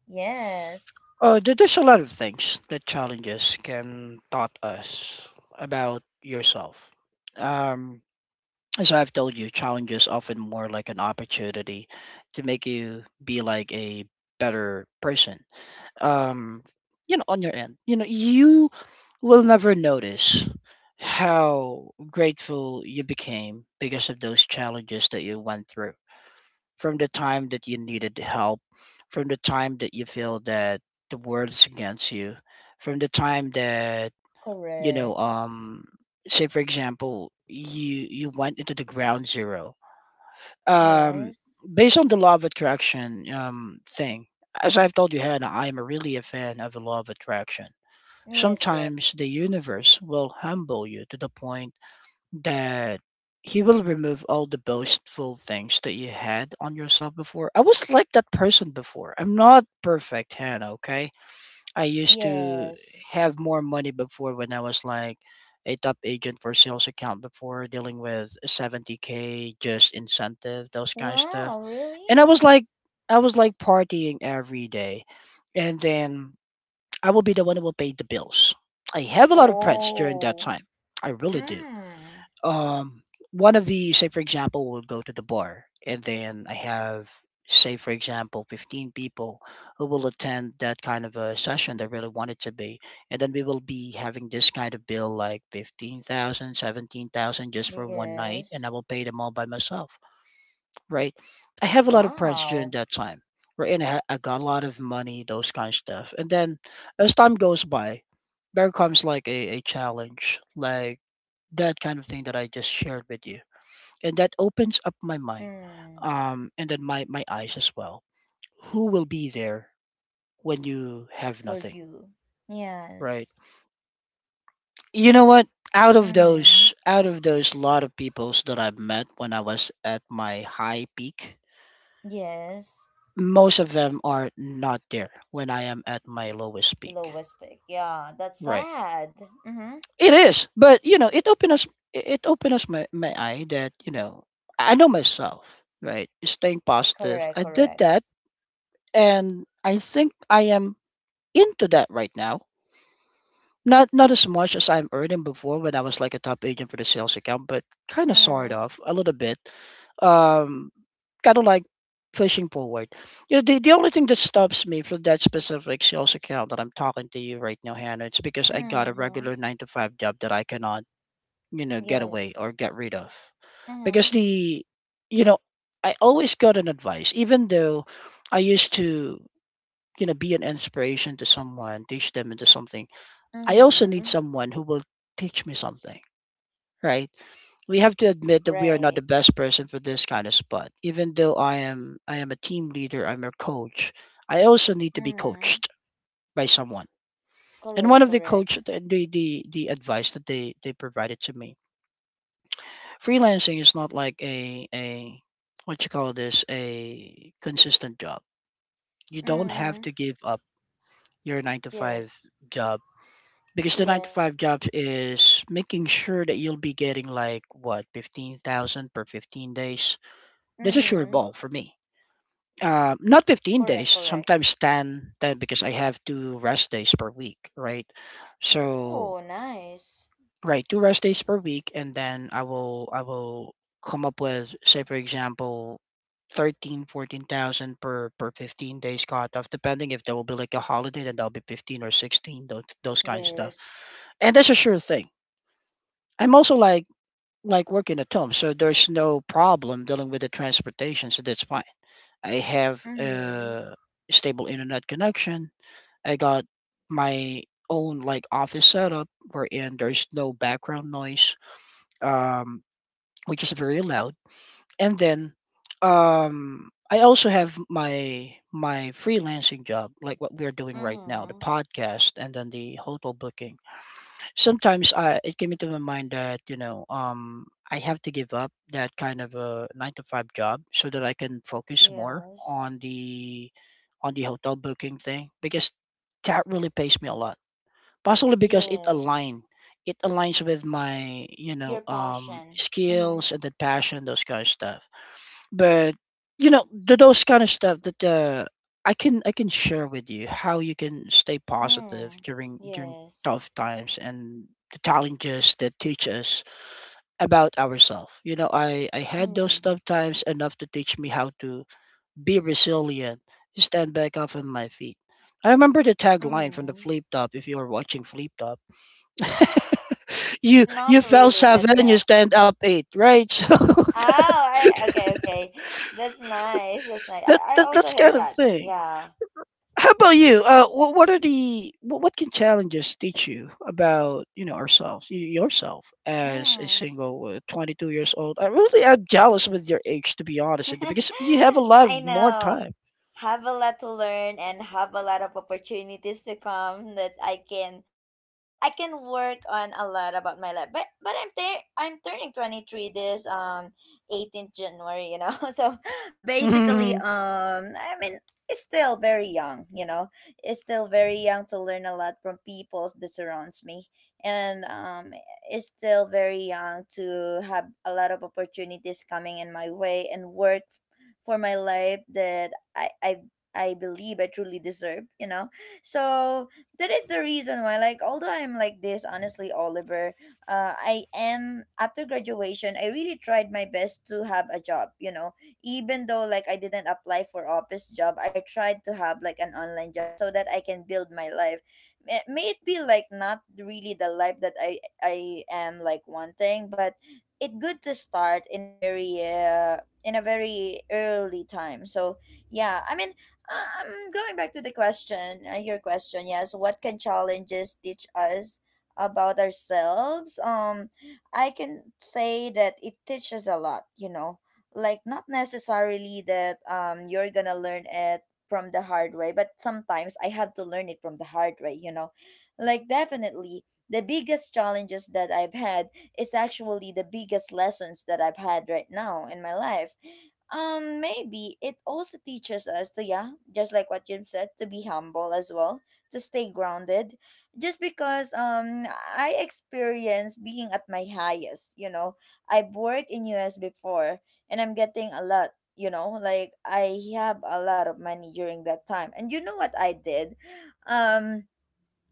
Speaker 1: Yes.
Speaker 2: Uh, there- there's a lot of things that challenges can taught us about yourself. Um, as I've told you, challenges often more like an opportunity to make you be like a better person. Um, you know, on your end, you know, you will never notice how grateful you became because of those challenges that you went through, from the time that you needed help, from the time that you feel that the world's against you, from the time that you know,
Speaker 1: Correct.
Speaker 2: um, say for example, you you went into the ground zero. Um,
Speaker 1: Yes.
Speaker 2: Based on the law of attraction um thing, as I've told you, Hannah, I am really a fan of the law of attraction.
Speaker 1: Yes. Yes.
Speaker 2: Sometimes the universe will humble you to the point that he will remove all the boastful things that you had on yourself before. I was like that person before. I'm not perfect, Hannah, okay? I used to
Speaker 1: Yes.
Speaker 2: have more money before when I was like a top agent for sales account before dealing with seventy k just incentive, those kind of stuff.
Speaker 1: Wow. Really?
Speaker 2: And I was like I was like partying every day. And then I will be the one who will pay the bills. I have a lot of friends during that
Speaker 1: Oh.
Speaker 2: time. I really do.
Speaker 1: Mm.
Speaker 2: um One of the, say for example, will go to the bar, and then I have, say for example, fifteen people who will attend that kind of a session that really want it to be. And then we will be having this kind of bill like fifteen thousand, seventeen thousand just for one night,
Speaker 1: Yes.
Speaker 2: and I will pay them all by myself, right? I have a lot of friends
Speaker 1: Wow.
Speaker 2: during that time, right, and i, ha- I got a lot of money, those kind of stuff. And then, as time goes by, there comes like a, a challenge like that kind of thing that I just shared with you. And that opens up my mind,
Speaker 1: Hmm.
Speaker 2: um, and then my, my eyes as well. Who will be there when you have
Speaker 1: For
Speaker 2: nothing,
Speaker 1: you.
Speaker 2: right?
Speaker 1: Yes.
Speaker 2: You know what? Out of
Speaker 1: Mm-hmm.
Speaker 2: those, out of those lot of peoples that I've met when I was at my high peak,
Speaker 1: Yes.
Speaker 2: most of them are not there when I am at my lowest peak,
Speaker 1: Lowest pick, yeah, that's
Speaker 2: right?
Speaker 1: sad. Mm-hmm.
Speaker 2: It is, but you know, it opened us. It opened us my, my eye, that you know I know myself, right? Staying positive.
Speaker 1: Correct,
Speaker 2: I did
Speaker 1: correct.
Speaker 2: that, and I think I am into that right now. Not not as much as I'm earning before when I was like a top agent for the sales account, but kind of sort
Speaker 1: Mm.
Speaker 2: of a little bit. Um, Kind of like pushing forward. You know, the the only thing that stops me from that specific sales account that I'm talking to you right now, Hannah, it's because I got a
Speaker 1: Mm-hmm.
Speaker 2: regular nine to five job that I cannot, you know, get away
Speaker 1: Yes.
Speaker 2: or get rid of.
Speaker 1: Mm-hmm.
Speaker 2: Because the, you know, I always got an advice, even though I used to, you know, be an inspiration to someone, teach them into something. I also
Speaker 1: Mm-hmm.
Speaker 2: need someone who will teach me something, right? We have to admit that we are not the
Speaker 1: Right.
Speaker 2: best person for this kind of spot. Even though I am, I am a team leader, I'm a coach. I also need to be
Speaker 1: Mm-hmm.
Speaker 2: coached by someone. And one
Speaker 1: Correct,
Speaker 2: of the
Speaker 1: correct.
Speaker 2: coach, the the the, the advice that they they provided to me, freelancing is not like a a, what you call this, a consistent job. You don't have
Speaker 1: Mm-hmm.
Speaker 2: to give up your nine to five
Speaker 1: Yes.
Speaker 2: job because the nine to five
Speaker 1: Yes.
Speaker 2: job is making sure that you'll be getting like what fifteen thousand per fifteen days. That's a sure
Speaker 1: Mm-hmm.
Speaker 2: ball for me. Uh, not fifteen
Speaker 1: Correct,
Speaker 2: days,
Speaker 1: correct.
Speaker 2: sometimes ten, ten because I have two rest days per week, right? So,
Speaker 1: Oh, nice.
Speaker 2: right, two rest days per week, and then i will i will come up with, say for example, thirteen, fourteen thousand per per fifteen days cutoff. Depending, if there will be like a holiday, then that'll be fifteen or sixteen, those, those kind of stuff.
Speaker 1: Yes.
Speaker 2: And that's a sure thing. I'm also like like working at home, so there's no problem dealing with the transportation, so that's fine. I have
Speaker 1: Mm-hmm.
Speaker 2: a stable internet connection. I got my own like office setup wherein there's no background noise, um which is very loud. And then um I also have my my freelancing job, like what we're doing right now, the
Speaker 1: Mm-hmm.
Speaker 2: podcast and then the hotel booking. Sometimes I it came into my mind that, you know, um I have to give up that kind of a nine to five job so that I can focus more
Speaker 1: Yes.
Speaker 2: on the on the hotel booking thing because that really pays me a lot. Possibly because it
Speaker 1: Yes.
Speaker 2: align. It aligns with my, you
Speaker 1: Your
Speaker 2: know, um,
Speaker 1: passion. Mm.
Speaker 2: skills and the passion, those kind of stuff. But you know, th- those kind of stuff that uh, I can I can share with you how you can stay positive
Speaker 1: Mm.
Speaker 2: during during
Speaker 1: Yes.
Speaker 2: tough times and the challenges that teach us about ourselves. You know, I I had those
Speaker 1: Mm.
Speaker 2: tough times enough to teach me how to be resilient, stand back up on my feet. I remember the tagline from the
Speaker 1: Mm.
Speaker 2: Flip Top. If you are watching Flip Top, you
Speaker 1: Not
Speaker 2: you fell
Speaker 1: really, but
Speaker 2: seven, you
Speaker 1: yeah.
Speaker 2: stand up eight, right? So that,
Speaker 1: Oh, I okay, okay. That's nice. That's nice.
Speaker 2: that,
Speaker 1: I, I
Speaker 2: that
Speaker 1: also
Speaker 2: that's
Speaker 1: heard
Speaker 2: kind of
Speaker 1: that,
Speaker 2: thing.
Speaker 1: yeah.
Speaker 2: How about you? Uh, what, what are the what, what can challenges teach you about, you know ourselves, y- yourself as a
Speaker 1: Mm.
Speaker 2: single uh, twenty two years old? I really am jealous with your age to be honest with you because you have a lot
Speaker 1: I
Speaker 2: more
Speaker 1: know.
Speaker 2: time.
Speaker 1: Have a lot to learn and have a lot of opportunities to come that I can, you know, I can work on a lot about my life. But but I'm there. I'm turning twenty three this um eighteenth January, you know. So basically,
Speaker 2: Mhm.
Speaker 1: um, I mean, it's still very young. You know, it's still very young to learn a lot from people that surrounds me, and um, is still very young to have a lot of opportunities coming in my way and work for my life that I I I believe I truly deserve, you know. So that is the reason why like although I'm like this honestly Oliver, uh I am, after graduation I really tried my best to have a job, you know. Even though like I didn't apply for office job, I tried to have like an online job so that I can build my life, may may it be like not really the life that I I am like wanting, but it's good to start in a very uh, in a very early time. So yeah, I mean, uh, um, going back to the question, uh, your question, yes, what can challenges teach us about ourselves? Um, I can say that it teaches a lot. You know, like not necessarily that um you're gonna learn it from the hard way, but sometimes I have to learn it from the hard way, you know. Like definitely the biggest challenges that I've had is actually the biggest lessons that I've had right now in my life. Um, maybe it also teaches us to, yeah, just like what you said, to be humble as well, to stay grounded. Just because um I experienced being at my highest, you know. I've worked in U S before and I'm getting a lot, you know, like I have a lot of money during that time. And you know what I did? Um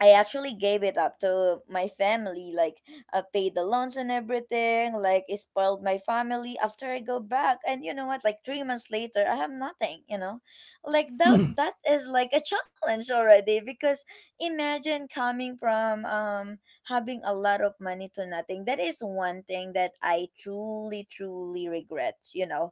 Speaker 1: I actually gave it up to my family. Like, I paid the loans and everything. Like, it spoiled my family after I go back. And you know what? Like, three months later, I have nothing, you know? Like, that,
Speaker 2: Mm.
Speaker 1: that is like a challenge already because imagine coming from um, having a lot of money to nothing. That is one thing that I truly, truly regret, you know?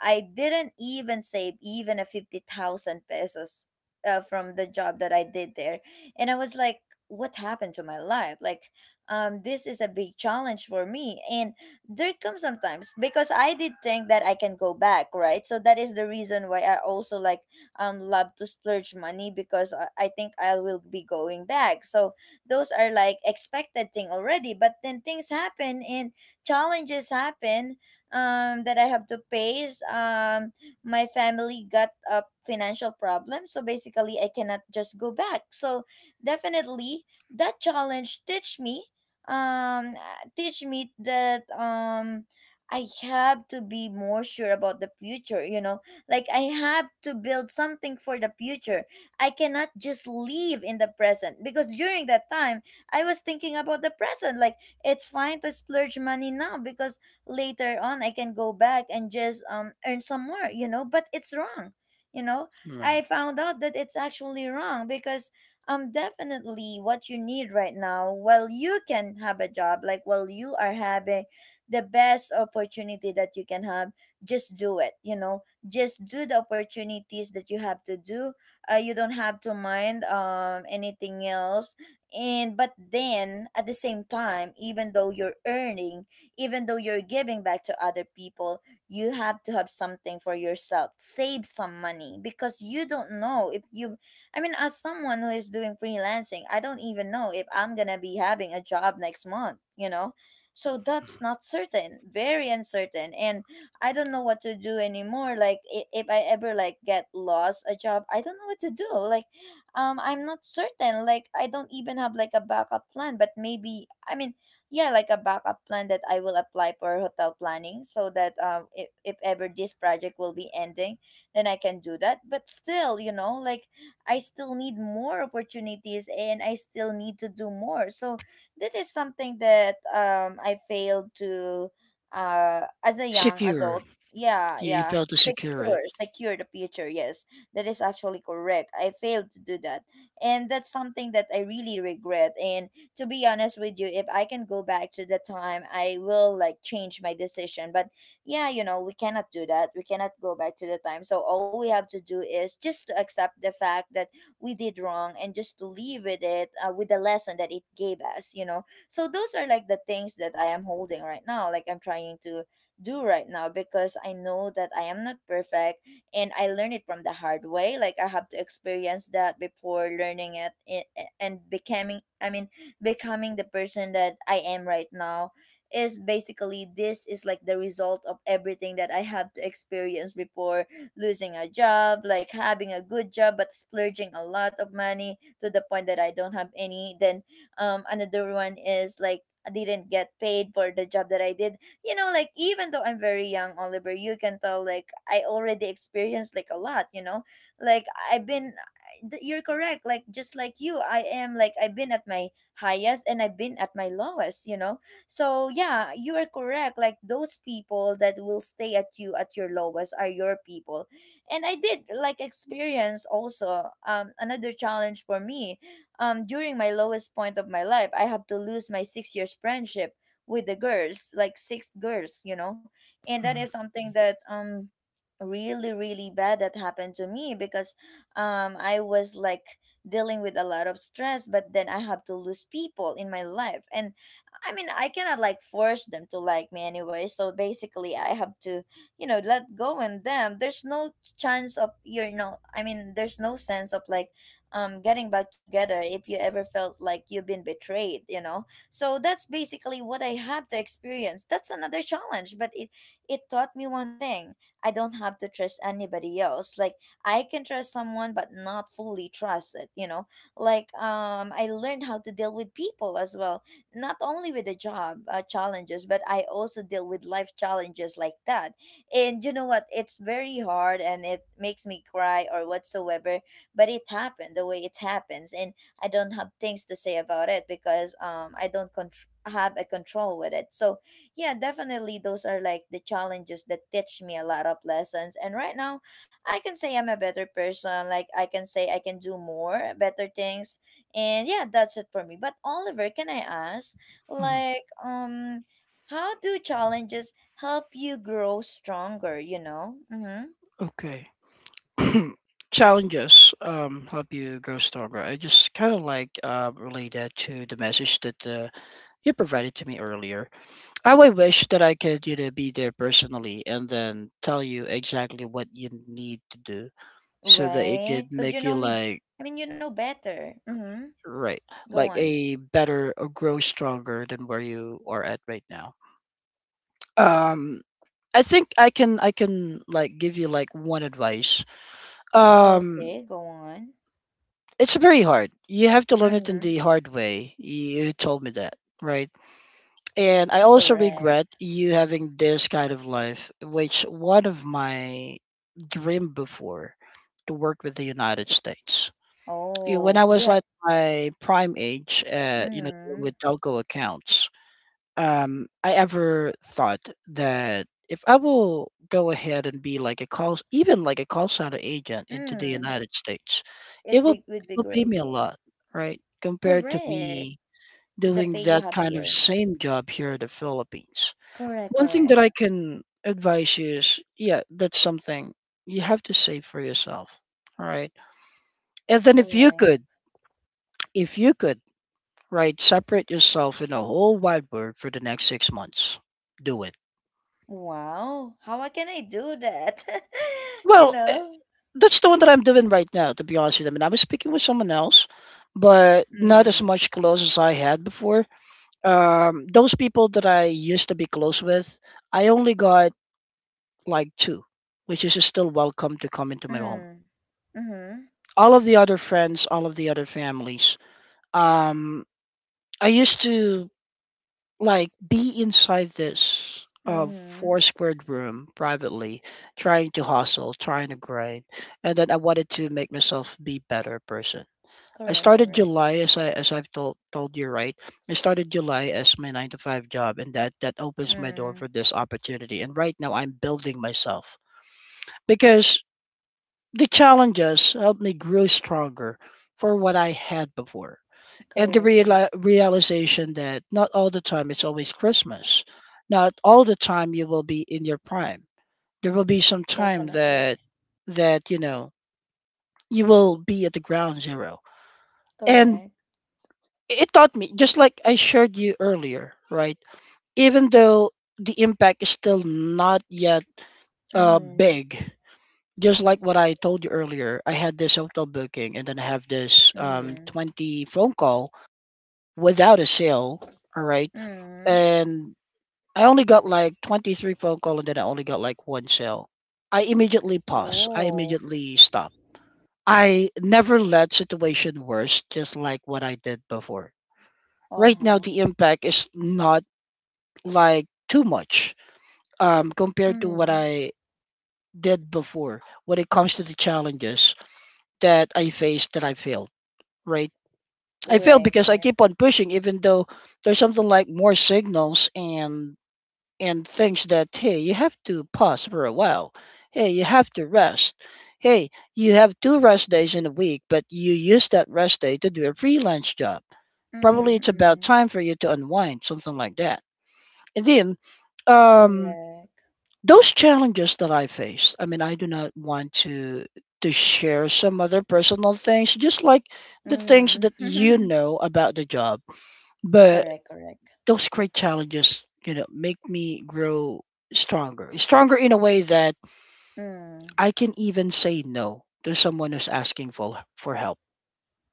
Speaker 1: I didn't even save even a fifty thousand pesos uh, from the job that I did there, and I was like, what happened to my life? Like, um this is a big challenge for me. And there comes sometimes because I did think that I can go back, right? So that is the reason why I also, like, um love to splurge money, because i, I think I will be going back, so those are like expected thing already. But then things happen and challenges happen, um that I have to face. Um my family got a financial problem, so basically I cannot just go back. So definitely, that challenge teach me, um teach me that um I have to be more sure about the future, you know. Like, I have to build something for the future. I cannot just live in the present, because during that time I was thinking about the present. Like, it's fine to splurge money now, because later on I can go back and just um earn some more, you know, but it's wrong. You know, I
Speaker 2: Right,
Speaker 1: found out that it's actually wrong because um definitely what you need right now, while you can have a job, like, while you are having the best opportunity that you can have, just do it, you know just do the opportunities that you have to do. Uh, you don't have to mind um anything else. And but then at the same time, even though you're earning, even though you're giving back to other people, you have to have something for yourself, save some money, because you don't know if you I mean, as someone who is doing freelancing, I don't even know if I'm gonna be having a job next month, you know? So that's not certain, very uncertain. And I don't know what to do anymore. Like, i- if I ever, like, get lost a job, I don't know what to do. Like, um, I'm not certain. Like, I don't even have, like, a backup plan, but maybe, I mean, yeah, like a backup plan that I will apply for hotel planning, so that um, if, if ever this project will be ending, then I can do that. But still, you know, like, I still need more opportunities and I still need to do more. So that is something that um I failed to, uh as a young
Speaker 2: secure.
Speaker 1: adult. Yeah,
Speaker 2: You, you
Speaker 1: yeah.
Speaker 2: failed to secure it.
Speaker 1: Secure, secure the future. Yes, that is actually correct. I failed to do that. And that's something that I really regret. And to be honest with you, if I can go back to the time, I will like change my decision. But yeah, you know we cannot do that, we cannot go back to the time. So all we have to do is just to accept the fact that we did wrong and just to leave with it, uh, with the lesson that it gave us you know So those are like the things that I am holding right now, like I'm trying to do right now, because I know that I am not perfect and I learned it from the hard way. Like, I have to experience that before learning it i- and becoming I mean becoming the person that I am right now is basically, this is like the result of everything that I have to experience before. Losing a job, like having a good job but splurging a lot of money to the point that I don't have any. Then um another one is like, I didn't get paid for the job that I did. You know, like, even though I'm very young, Oliver, you can tell, like, I already experienced like a lot, you know? Like, I've been, th- you're correct. Like, just like you, I am like, I've been at my highest and I've been at my lowest you know So yeah, you are correct. Like, those people that will stay at you at your lowest are your people. And I did like experience also um another challenge for me. Um during my lowest point of my life, I have to lose my six years friendship with the girls, like six girls, you know. And that is
Speaker 2: Mm,
Speaker 1: something that um really, really bad that happened to me, because um I was like dealing with a lot of stress, but then I have to lose people in my life. And I mean, I cannot like force them to like me anyway. So basically, I have to, you know, let go in them. There's no chance of you know. I mean, there's no sense of, like, um, getting back together if you ever felt like you've been betrayed. You know. So that's basically what I have to experience. That's another challenge, but it it taught me one thing. I don't have to trust anybody else. Like, I can trust someone, but not fully trust it. You know. Like, um, I learned how to deal with people as well, not only with the job, uh, challenges, but I also deal with life challenges like that. And you know what? It's very hard and it makes me cry or whatsoever, but it happened the way it happens. And I don't have things to say about it, because um, I don't contr have a control with it. So, yeah, definitely those are like the challenges that teach me a lot of lessons. And right now, I can say I'm a better person. Like, I can say I can do more better things. And yeah, that's it for me. But Oliver, can I ask,
Speaker 2: mm.
Speaker 1: like, um, how do challenges help you grow stronger, you know? Mm-hmm.
Speaker 2: Okay. Challenges um, help you grow stronger. I just kind of like uh, relay that to the message that uh, you provided to me earlier. I would wish that I could, you know, be there personally and then tell you exactly what you need to do so that it could
Speaker 1: Right? Because you
Speaker 2: make you
Speaker 1: know me,
Speaker 2: like
Speaker 1: I mean, you know better. Mm-hmm.
Speaker 2: right,
Speaker 1: Go
Speaker 2: like
Speaker 1: on.
Speaker 2: a better or grow stronger than where you are at right now. Um, I think I can I can like give you like one advice. Um,
Speaker 1: Okay, go on.
Speaker 2: It's very hard. You have to learn it in
Speaker 1: Mm-hmm.
Speaker 2: the hard way. You told me that, right? And I also
Speaker 1: Correct.
Speaker 2: regret you having this kind of life, which one of my dream before to work with the United States. Yeah, when I
Speaker 1: Oh,
Speaker 2: was
Speaker 1: you had.
Speaker 2: like my prime age, uh, you know,
Speaker 1: Mm-hmm.
Speaker 2: with telco accounts, um I ever thought that if I will go ahead and be like a call, even like a call center agent into the
Speaker 1: Mm.
Speaker 2: United States, it
Speaker 1: It
Speaker 2: will
Speaker 1: be, would
Speaker 2: it
Speaker 1: be
Speaker 2: will pay
Speaker 1: great.
Speaker 2: me a lot, right? Compared to
Speaker 1: Correct.
Speaker 2: me
Speaker 1: To the
Speaker 2: doing
Speaker 1: pay you
Speaker 2: that
Speaker 1: have
Speaker 2: kind of
Speaker 1: here.
Speaker 2: same job here in the Philippines.
Speaker 1: Correct,
Speaker 2: One thing that
Speaker 1: correct,
Speaker 2: I can advise you is, yeah, that's something you have to save for yourself, right? And then if you
Speaker 1: correct.
Speaker 2: could, if you could, right, separate yourself in a whole wide world for the next six months, do it.
Speaker 1: Wow, how can I do that? You
Speaker 2: Well, eh,
Speaker 1: know?
Speaker 2: that's the one that I'm doing right now, to be honest with you. I mean, I was speaking with someone else, but not as
Speaker 1: Mm,
Speaker 2: much close as I had before. Um, those people that I used to be close with, I only got like two, which is still welcome to come into my home.
Speaker 1: mm, mm-hmm,
Speaker 2: All of the other friends, all of the other families, um, I used to like be inside this uh,
Speaker 1: mm-hmm.
Speaker 2: four squared room privately, trying to hustle, trying to grind, and then I wanted to make myself be better person. I
Speaker 1: Correct,
Speaker 2: started
Speaker 1: correct.
Speaker 2: July as I as I've told told you, right. I started July as my nine to five job, and that that opens my door
Speaker 1: Mm,
Speaker 2: for this opportunity. And right now, I'm building myself because the challenges helped me grow stronger for what I had before, and the
Speaker 1: correct, correct.
Speaker 2: reali- realization that not all the time it's always Christmas. Not all the time you will be in your prime. There will be some time
Speaker 1: Definitely.
Speaker 2: that that you know you will be at the ground zero, and
Speaker 1: Correct.
Speaker 2: it taught me, just like I shared you earlier, right? Even though the impact is still not yet uh
Speaker 1: Mm-hmm,
Speaker 2: big, just like what I told you earlier, I had this hotel booking, and then I have this um
Speaker 1: mm-hmm,
Speaker 2: twenty phone call without a sale, all right?
Speaker 1: mm-hmm.
Speaker 2: And I only got like twenty-three phone call, and then I only got like one sale. I immediately pause, I
Speaker 1: Oh,
Speaker 2: immediately stop. I never let situation worse, just like what I did before. Right now
Speaker 1: uh-huh.
Speaker 2: the impact is not like too much, um, compared to what
Speaker 1: Mm-hmm.
Speaker 2: I did before when it comes to the challenges that I faced that I failed, right? I failed
Speaker 1: Right,
Speaker 2: because I keep
Speaker 1: right.
Speaker 2: on pushing even though there's something like more signals and and things that, hey, you have to pause for a while. Hey, you have to rest. Hey, you have two rest days in a week, but you use that rest day to do a freelance job. Probably it's
Speaker 1: Mm-hmm,
Speaker 2: about
Speaker 1: mm-hmm.
Speaker 2: time for you to unwind, something like that. And then um
Speaker 1: Correct.
Speaker 2: those challenges that I faced, I mean, I do not want to to share some other personal things, just like the things that
Speaker 1: Mm-hmm.
Speaker 2: you know about the job. But
Speaker 1: Correct, correct.
Speaker 2: those great challenges, you know, make me grow stronger. Stronger in a way that
Speaker 1: Mm.
Speaker 2: I can even say no to someone who's asking for for help.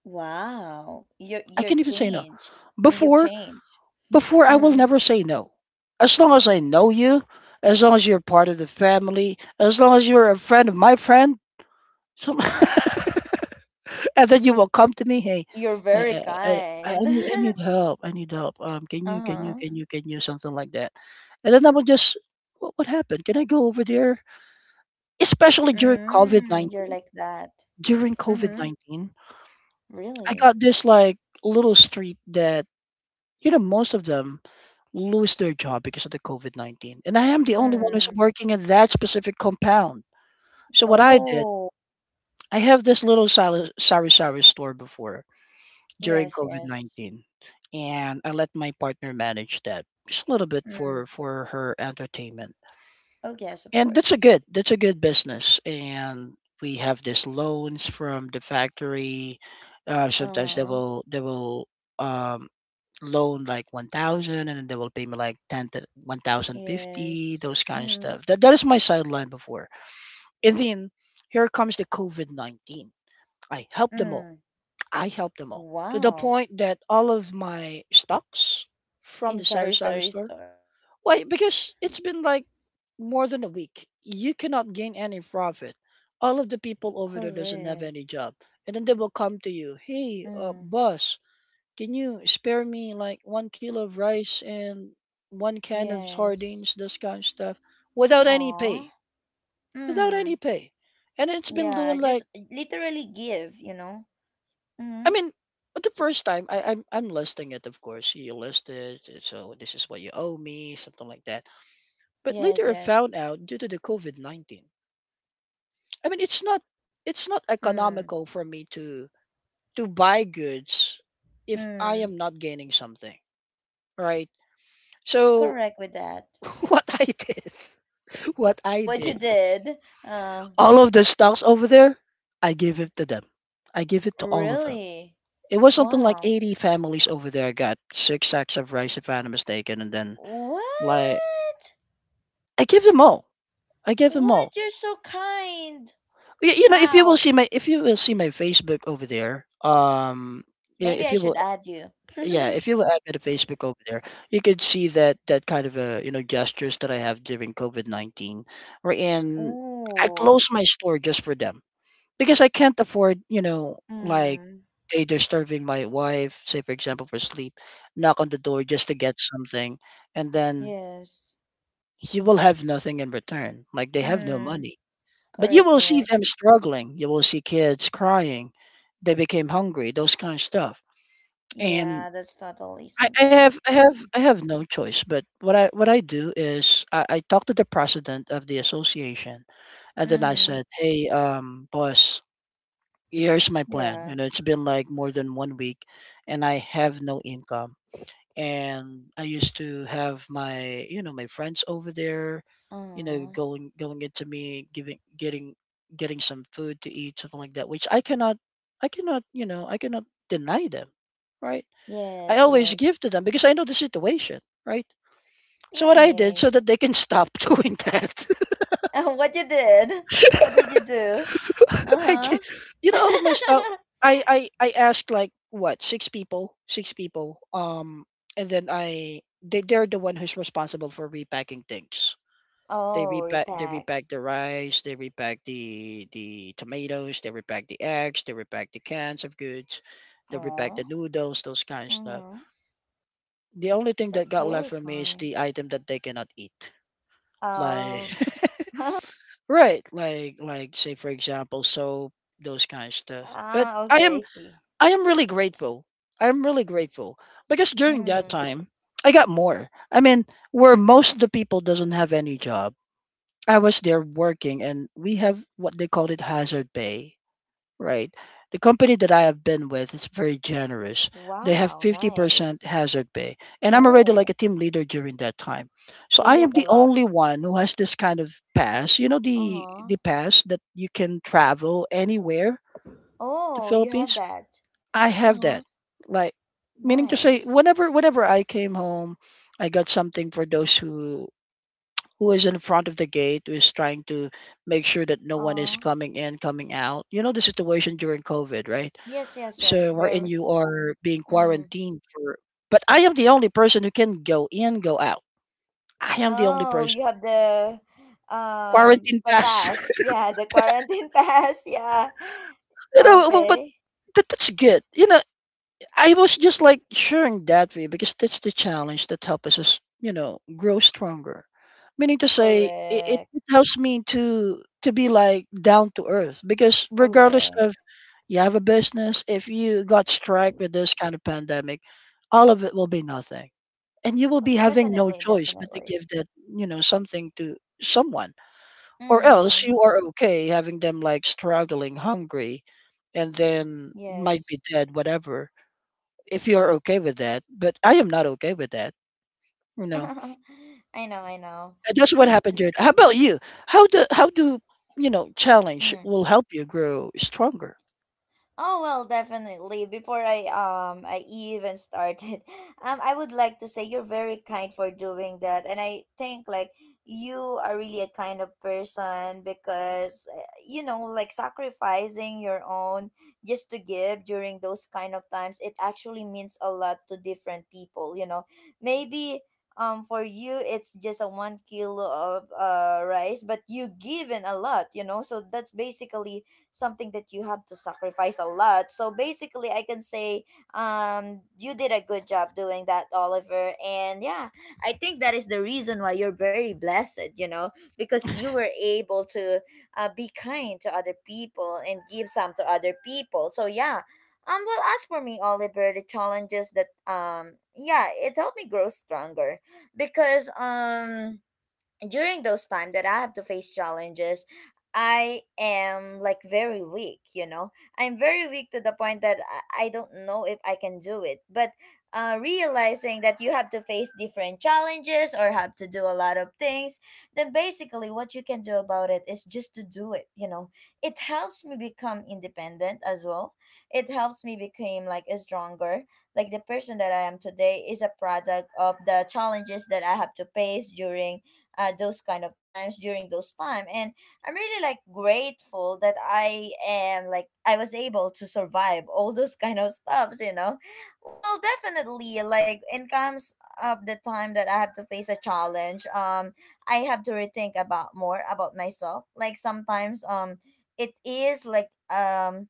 Speaker 1: Wow, you're
Speaker 2: I
Speaker 1: you're
Speaker 2: can even say no.
Speaker 1: changed. Mm, you've
Speaker 2: Before
Speaker 1: changed.
Speaker 2: before I will
Speaker 1: Mm-hmm.
Speaker 2: never say no. As long as I know you, as long as you're part of the family, as long as you're a friend of my friend, so and then you will come to me, "Hey,
Speaker 1: You're
Speaker 2: I
Speaker 1: very
Speaker 2: I I I I
Speaker 1: kind.
Speaker 2: need I need help, I need help, um, can you can you
Speaker 1: Uh-huh.
Speaker 2: can you can you" something like that. And then I will just, "What what happened? Can I go over there?" Especially during
Speaker 1: Mm, you're
Speaker 2: COVID nineteen.
Speaker 1: like that.
Speaker 2: During
Speaker 1: Mm-hmm.
Speaker 2: COVID nineteen, I
Speaker 1: Really?
Speaker 2: got this, like, little street that, you know, most of them lose their job because of the COVID nineteen, and I am the only one who's
Speaker 1: Mm.
Speaker 2: working in that specific compound. So what I did,
Speaker 1: Oh,
Speaker 2: I have this little sari sari-sari store before, during
Speaker 1: yes, yes.
Speaker 2: COVID nineteen, and I let my partner manage that just a little bit
Speaker 1: Mm.
Speaker 2: for for her entertainment.
Speaker 1: Oh, yes, of
Speaker 2: And that's
Speaker 1: course.
Speaker 2: a good that's a good business. And we have these loans from the factory. Uh, sometimes they
Speaker 1: Uh-huh.
Speaker 2: will they will um, loan like one thousand, and then they will pay me like ten to one thousand fifty.
Speaker 1: Yes.
Speaker 2: Those kind of
Speaker 1: Mm.
Speaker 2: stuff. That that is my sideline before. And then here comes the COVID nineteen. I help them all
Speaker 1: Mm.
Speaker 2: I helped them all to the
Speaker 1: Wow.
Speaker 2: point that all of my stocks from
Speaker 1: In
Speaker 2: the
Speaker 1: Sari
Speaker 2: sari-sari
Speaker 1: Sari
Speaker 2: store,
Speaker 1: store.
Speaker 2: why?
Speaker 1: Yeah.
Speaker 2: Because it's been like more than a week you cannot gain any profit, all of the people over there doesn't have
Speaker 1: Correct.
Speaker 2: any job, and then they will come to you, "Hey, uh,
Speaker 1: Mm.
Speaker 2: boss, can you spare me like one kilo of rice and one can of
Speaker 1: Yes.
Speaker 2: sardines," this kind of stuff, without any
Speaker 1: Aw.
Speaker 2: pay. Without
Speaker 1: Mm.
Speaker 2: any pay, and it's been
Speaker 1: Yeah,
Speaker 2: doing
Speaker 1: just
Speaker 2: like,
Speaker 1: literally give, you know?
Speaker 2: I
Speaker 1: Mm.
Speaker 2: mean, the first time I, I'm I'm listing it, of course. You list it, uh, so this is what you owe me, something like that. But
Speaker 1: Yes,
Speaker 2: later I
Speaker 1: yes.
Speaker 2: found out due to the COVID nineteen, I mean, it's not it's not
Speaker 1: Mm.
Speaker 2: economical for me to to buy goods if I
Speaker 1: Mm.
Speaker 2: am not gaining something, right? So
Speaker 1: Correct with that.
Speaker 2: what I did, what I
Speaker 1: What you
Speaker 2: did,
Speaker 1: did? Uh,
Speaker 2: all of the stocks over there, I give it to them. I give it to all of them.
Speaker 1: Really?
Speaker 2: It was something like
Speaker 1: Wow.
Speaker 2: eighty families over there got six sacks of rice, if I'm not mistaken, and then like
Speaker 1: What?
Speaker 2: I give them all. I give them all.
Speaker 1: What? You're so kind.
Speaker 2: You, you know, if you will
Speaker 1: How?
Speaker 2: see my if you will see my Facebook over there, um, yeah,
Speaker 1: Maybe
Speaker 2: if
Speaker 1: I
Speaker 2: you
Speaker 1: should
Speaker 2: will,
Speaker 1: add you.
Speaker 2: yeah, if you will add me to Facebook over there, you could see that that kind of uh, you know gestures that I have during COVID nineteen, right? And I
Speaker 1: Ooh.
Speaker 2: closed my store just for them because I can't afford, you know, like
Speaker 1: Hmm.
Speaker 2: they disturbing my wife, say for example for sleep, knock on the door just to get something, and then
Speaker 1: Yes.
Speaker 2: he will have nothing in return. Like they have no
Speaker 1: Hmm.
Speaker 2: money. But you
Speaker 1: Correct,
Speaker 2: will see
Speaker 1: correct.
Speaker 2: them struggling. You will see kids crying. They became hungry. Those kind of stuff. And
Speaker 1: Yeah, that's totally
Speaker 2: I, I have
Speaker 1: something.
Speaker 2: I have I have no choice. But what I what I do is, I, I talk to the president of the association, and then I
Speaker 1: Mm-hmm.
Speaker 2: said, "Hey, um, boss, here's my plan.
Speaker 1: Yeah.
Speaker 2: You know, it's been like more than one week, and I have no income, and I used to have my, you know, my friends over there, you know,
Speaker 1: Uh,
Speaker 2: going going into me giving getting getting some food to eat, something like that, which I cannot, I cannot you know, I cannot deny them, right? I
Speaker 1: yes,
Speaker 2: always give
Speaker 1: yes.
Speaker 2: to them because I know the situation, right? So what I did
Speaker 1: Right.
Speaker 2: so that they can stop doing that,
Speaker 1: What you did? What did you do?
Speaker 2: I
Speaker 1: Uh-huh.
Speaker 2: gi- you know, all of my stuff. I I I asked like what, six people six people, um, and then I they they're the one who's responsible for repacking things. They
Speaker 1: Oh,
Speaker 2: repack, they
Speaker 1: repack.
Speaker 2: repack the rice, they repack the the tomatoes, they repack the eggs, they repack the cans of goods, they repack the
Speaker 1: Oh,
Speaker 2: noodles, those kind of stuff.
Speaker 1: mm-hmm.
Speaker 2: The only thing that
Speaker 1: That's
Speaker 2: got left
Speaker 1: very
Speaker 2: for me is
Speaker 1: kind.
Speaker 2: the item that they cannot eat. Like
Speaker 1: Oh.
Speaker 2: right, like like say for example soap, those kind of stuff. But
Speaker 1: Ah,
Speaker 2: I
Speaker 1: okay, I
Speaker 2: am
Speaker 1: see.
Speaker 2: I am really grateful. I'm really grateful because during that
Speaker 1: Mm.
Speaker 2: time I got more. I mean, where most of the people doesn't have any job, I was there working, and we have what they call it hazard pay, right? The company that I have been with is very generous. They have
Speaker 1: Wow,
Speaker 2: fifty percent
Speaker 1: nice.
Speaker 2: hazard pay, and I'm already like
Speaker 1: Oh,
Speaker 2: a team leader during that time. So
Speaker 1: so you
Speaker 2: I am
Speaker 1: have a
Speaker 2: the
Speaker 1: lot.
Speaker 2: only one who has this kind of pass. You know the
Speaker 1: Uh-huh.
Speaker 2: the pass that you can travel anywhere to
Speaker 1: Oh, you have
Speaker 2: Philippines.
Speaker 1: that.
Speaker 2: I have
Speaker 1: Uh-huh.
Speaker 2: that. Like meaning to say,
Speaker 1: Nice.
Speaker 2: whenever whenever I came home, I got something for those who who is in front of the gate, who is trying to make sure that no one is
Speaker 1: Uh,
Speaker 2: coming in, coming out. You know the situation during COVID, right?
Speaker 1: yes, yes, yes.
Speaker 2: So wherein
Speaker 1: Very.
Speaker 2: you are being
Speaker 1: Mm.
Speaker 2: quarantined for, but I am the only person who can go in, go out. I am the only
Speaker 1: Oh,
Speaker 2: person.
Speaker 1: you have the
Speaker 2: Quarantine
Speaker 1: um the
Speaker 2: pass.
Speaker 1: pass. Yeah, the quarantine pass. Yeah.
Speaker 2: You know, but, but
Speaker 1: Okay.
Speaker 2: that, that's good. You know, I was just like sharing that with you because that's the challenge that helps us, you know, grow stronger. Meaning to say, it, it
Speaker 1: Correct.
Speaker 2: helps me to to be like down to earth because regardless
Speaker 1: Correct.
Speaker 2: of, you have a business. If you got strike with this kind of pandemic, all of it will be nothing. And you will
Speaker 1: Oh,
Speaker 2: be having no
Speaker 1: definitely,
Speaker 2: choice but to
Speaker 1: definitely.
Speaker 2: give that, you know, something to someone. Or else
Speaker 1: Mm-hmm.
Speaker 2: you are okay having them like struggling, hungry, and then might be
Speaker 1: Yes.
Speaker 2: dead, whatever. If you're okay with that. But I am not okay with that. You know.
Speaker 1: I know, I know.
Speaker 2: And that's what
Speaker 1: Me
Speaker 2: happened, Jared. How about you? How do how do you know challenge
Speaker 1: too.
Speaker 2: will help you grow stronger?
Speaker 1: Oh well, definitely. Before I um I even started, um I would like to say you're very kind for doing that, and I think, like, you are really a kind of person, because uh, you know like sacrificing your own just to give during those kind of times, it actually means a lot to different people. You know, maybe um for you it's just a one kilo of uh rice, but you given a lot. You know, so that's basically something that you have to sacrifice a lot. So basically, I can say, um, you did a good job doing that, Oliver. And yeah, I think that is the reason why you're very blessed, you know, because you were able to, uh, be kind to other people and give some to other people. So yeah. Um, well, as for me, Oliver, the challenges that, um, yeah, it helped me grow stronger, because um, during those time that I have to face challenges, I am like very weak, you know. I'm very weak to the point that I I don't know if I can do it. But uh, realizing that you have to face different challenges or have to do a lot of things, then basically what you can do about it is just to do it, you know. It helps me become independent as well. It helps me become like a stronger. Like, the person that I am today is a product of the challenges that I have to face during, uh, those kind of times, during those time. And I'm really like grateful that I am like, I was able to survive all those kind of stuffs you know Well, definitely, like, in comes up the time that I have to face a challenge. um I have to rethink about more about myself. Like sometimes, um it is like, um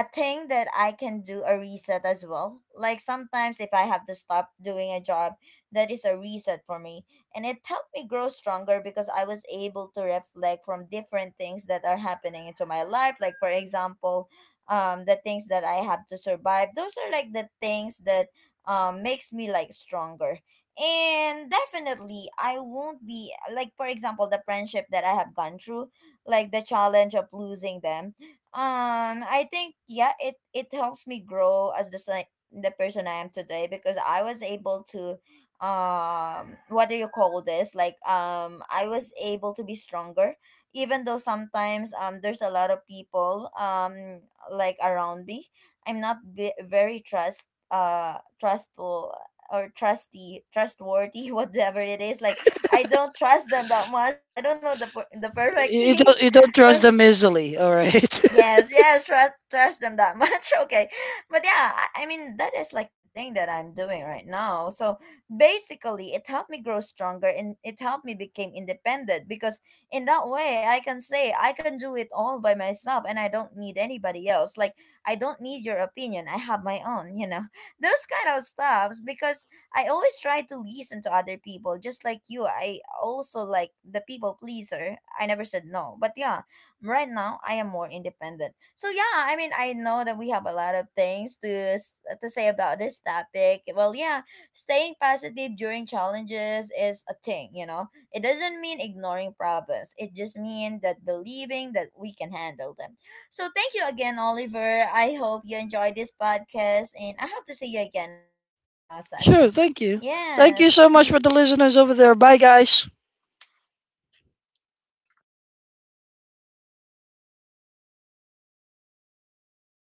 Speaker 1: a thing that I can do a reset as well. Like sometimes if I have to stop doing a job, that is a reset for me. And it helped me grow stronger because I was able to reflect from different things that are happening into my life. Like for example, um the things that I have to survive. Those are like the things that um makes me like stronger. And definitely, I won't be, like, for example, the friendship that I have gone through, like the challenge of losing them. um, I think, yeah, it it helps me grow as the si- the person I am today, because I was able to, um what do you call this? Like, um I was able to be stronger, even though sometimes, um there's a lot of people, um like around me. I'm not, be- very trust uh trustful or trusty trustworthy, whatever it is. Like, I don't trust them that much. I don't know the per- the perfect
Speaker 2: you
Speaker 1: thing.
Speaker 2: don't you don't trust them easily, all right.
Speaker 1: Yes, yes, trust trust them that much. Okay. But yeah, I, I mean that is like the thing that I'm doing right now. So basically, it helped me grow stronger and it helped me become independent, because in that way I can say I can do it all by myself and I don't need anybody else. Like, I don't need your opinion. I have my own, you know. Those kind of stuffs, because I always try to listen to other people just like you. I also like the people pleaser. I never said no. But yeah, right now, I am more independent. So yeah, I mean, I know that we have a lot of things to s- to say about this topic. Well, yeah, staying positive during challenges is a thing, you know. It doesn't mean ignoring problems. It just means that believing that we can handle them. So thank you again, Oliver. I hope you enjoyed this podcast, and I hope to see you again the next uh
Speaker 2: Sure.
Speaker 1: session.
Speaker 2: Thank you. Thank you
Speaker 1: Yes.
Speaker 2: so much for
Speaker 1: Mm-hmm.
Speaker 2: the listeners over there. Bye, guys.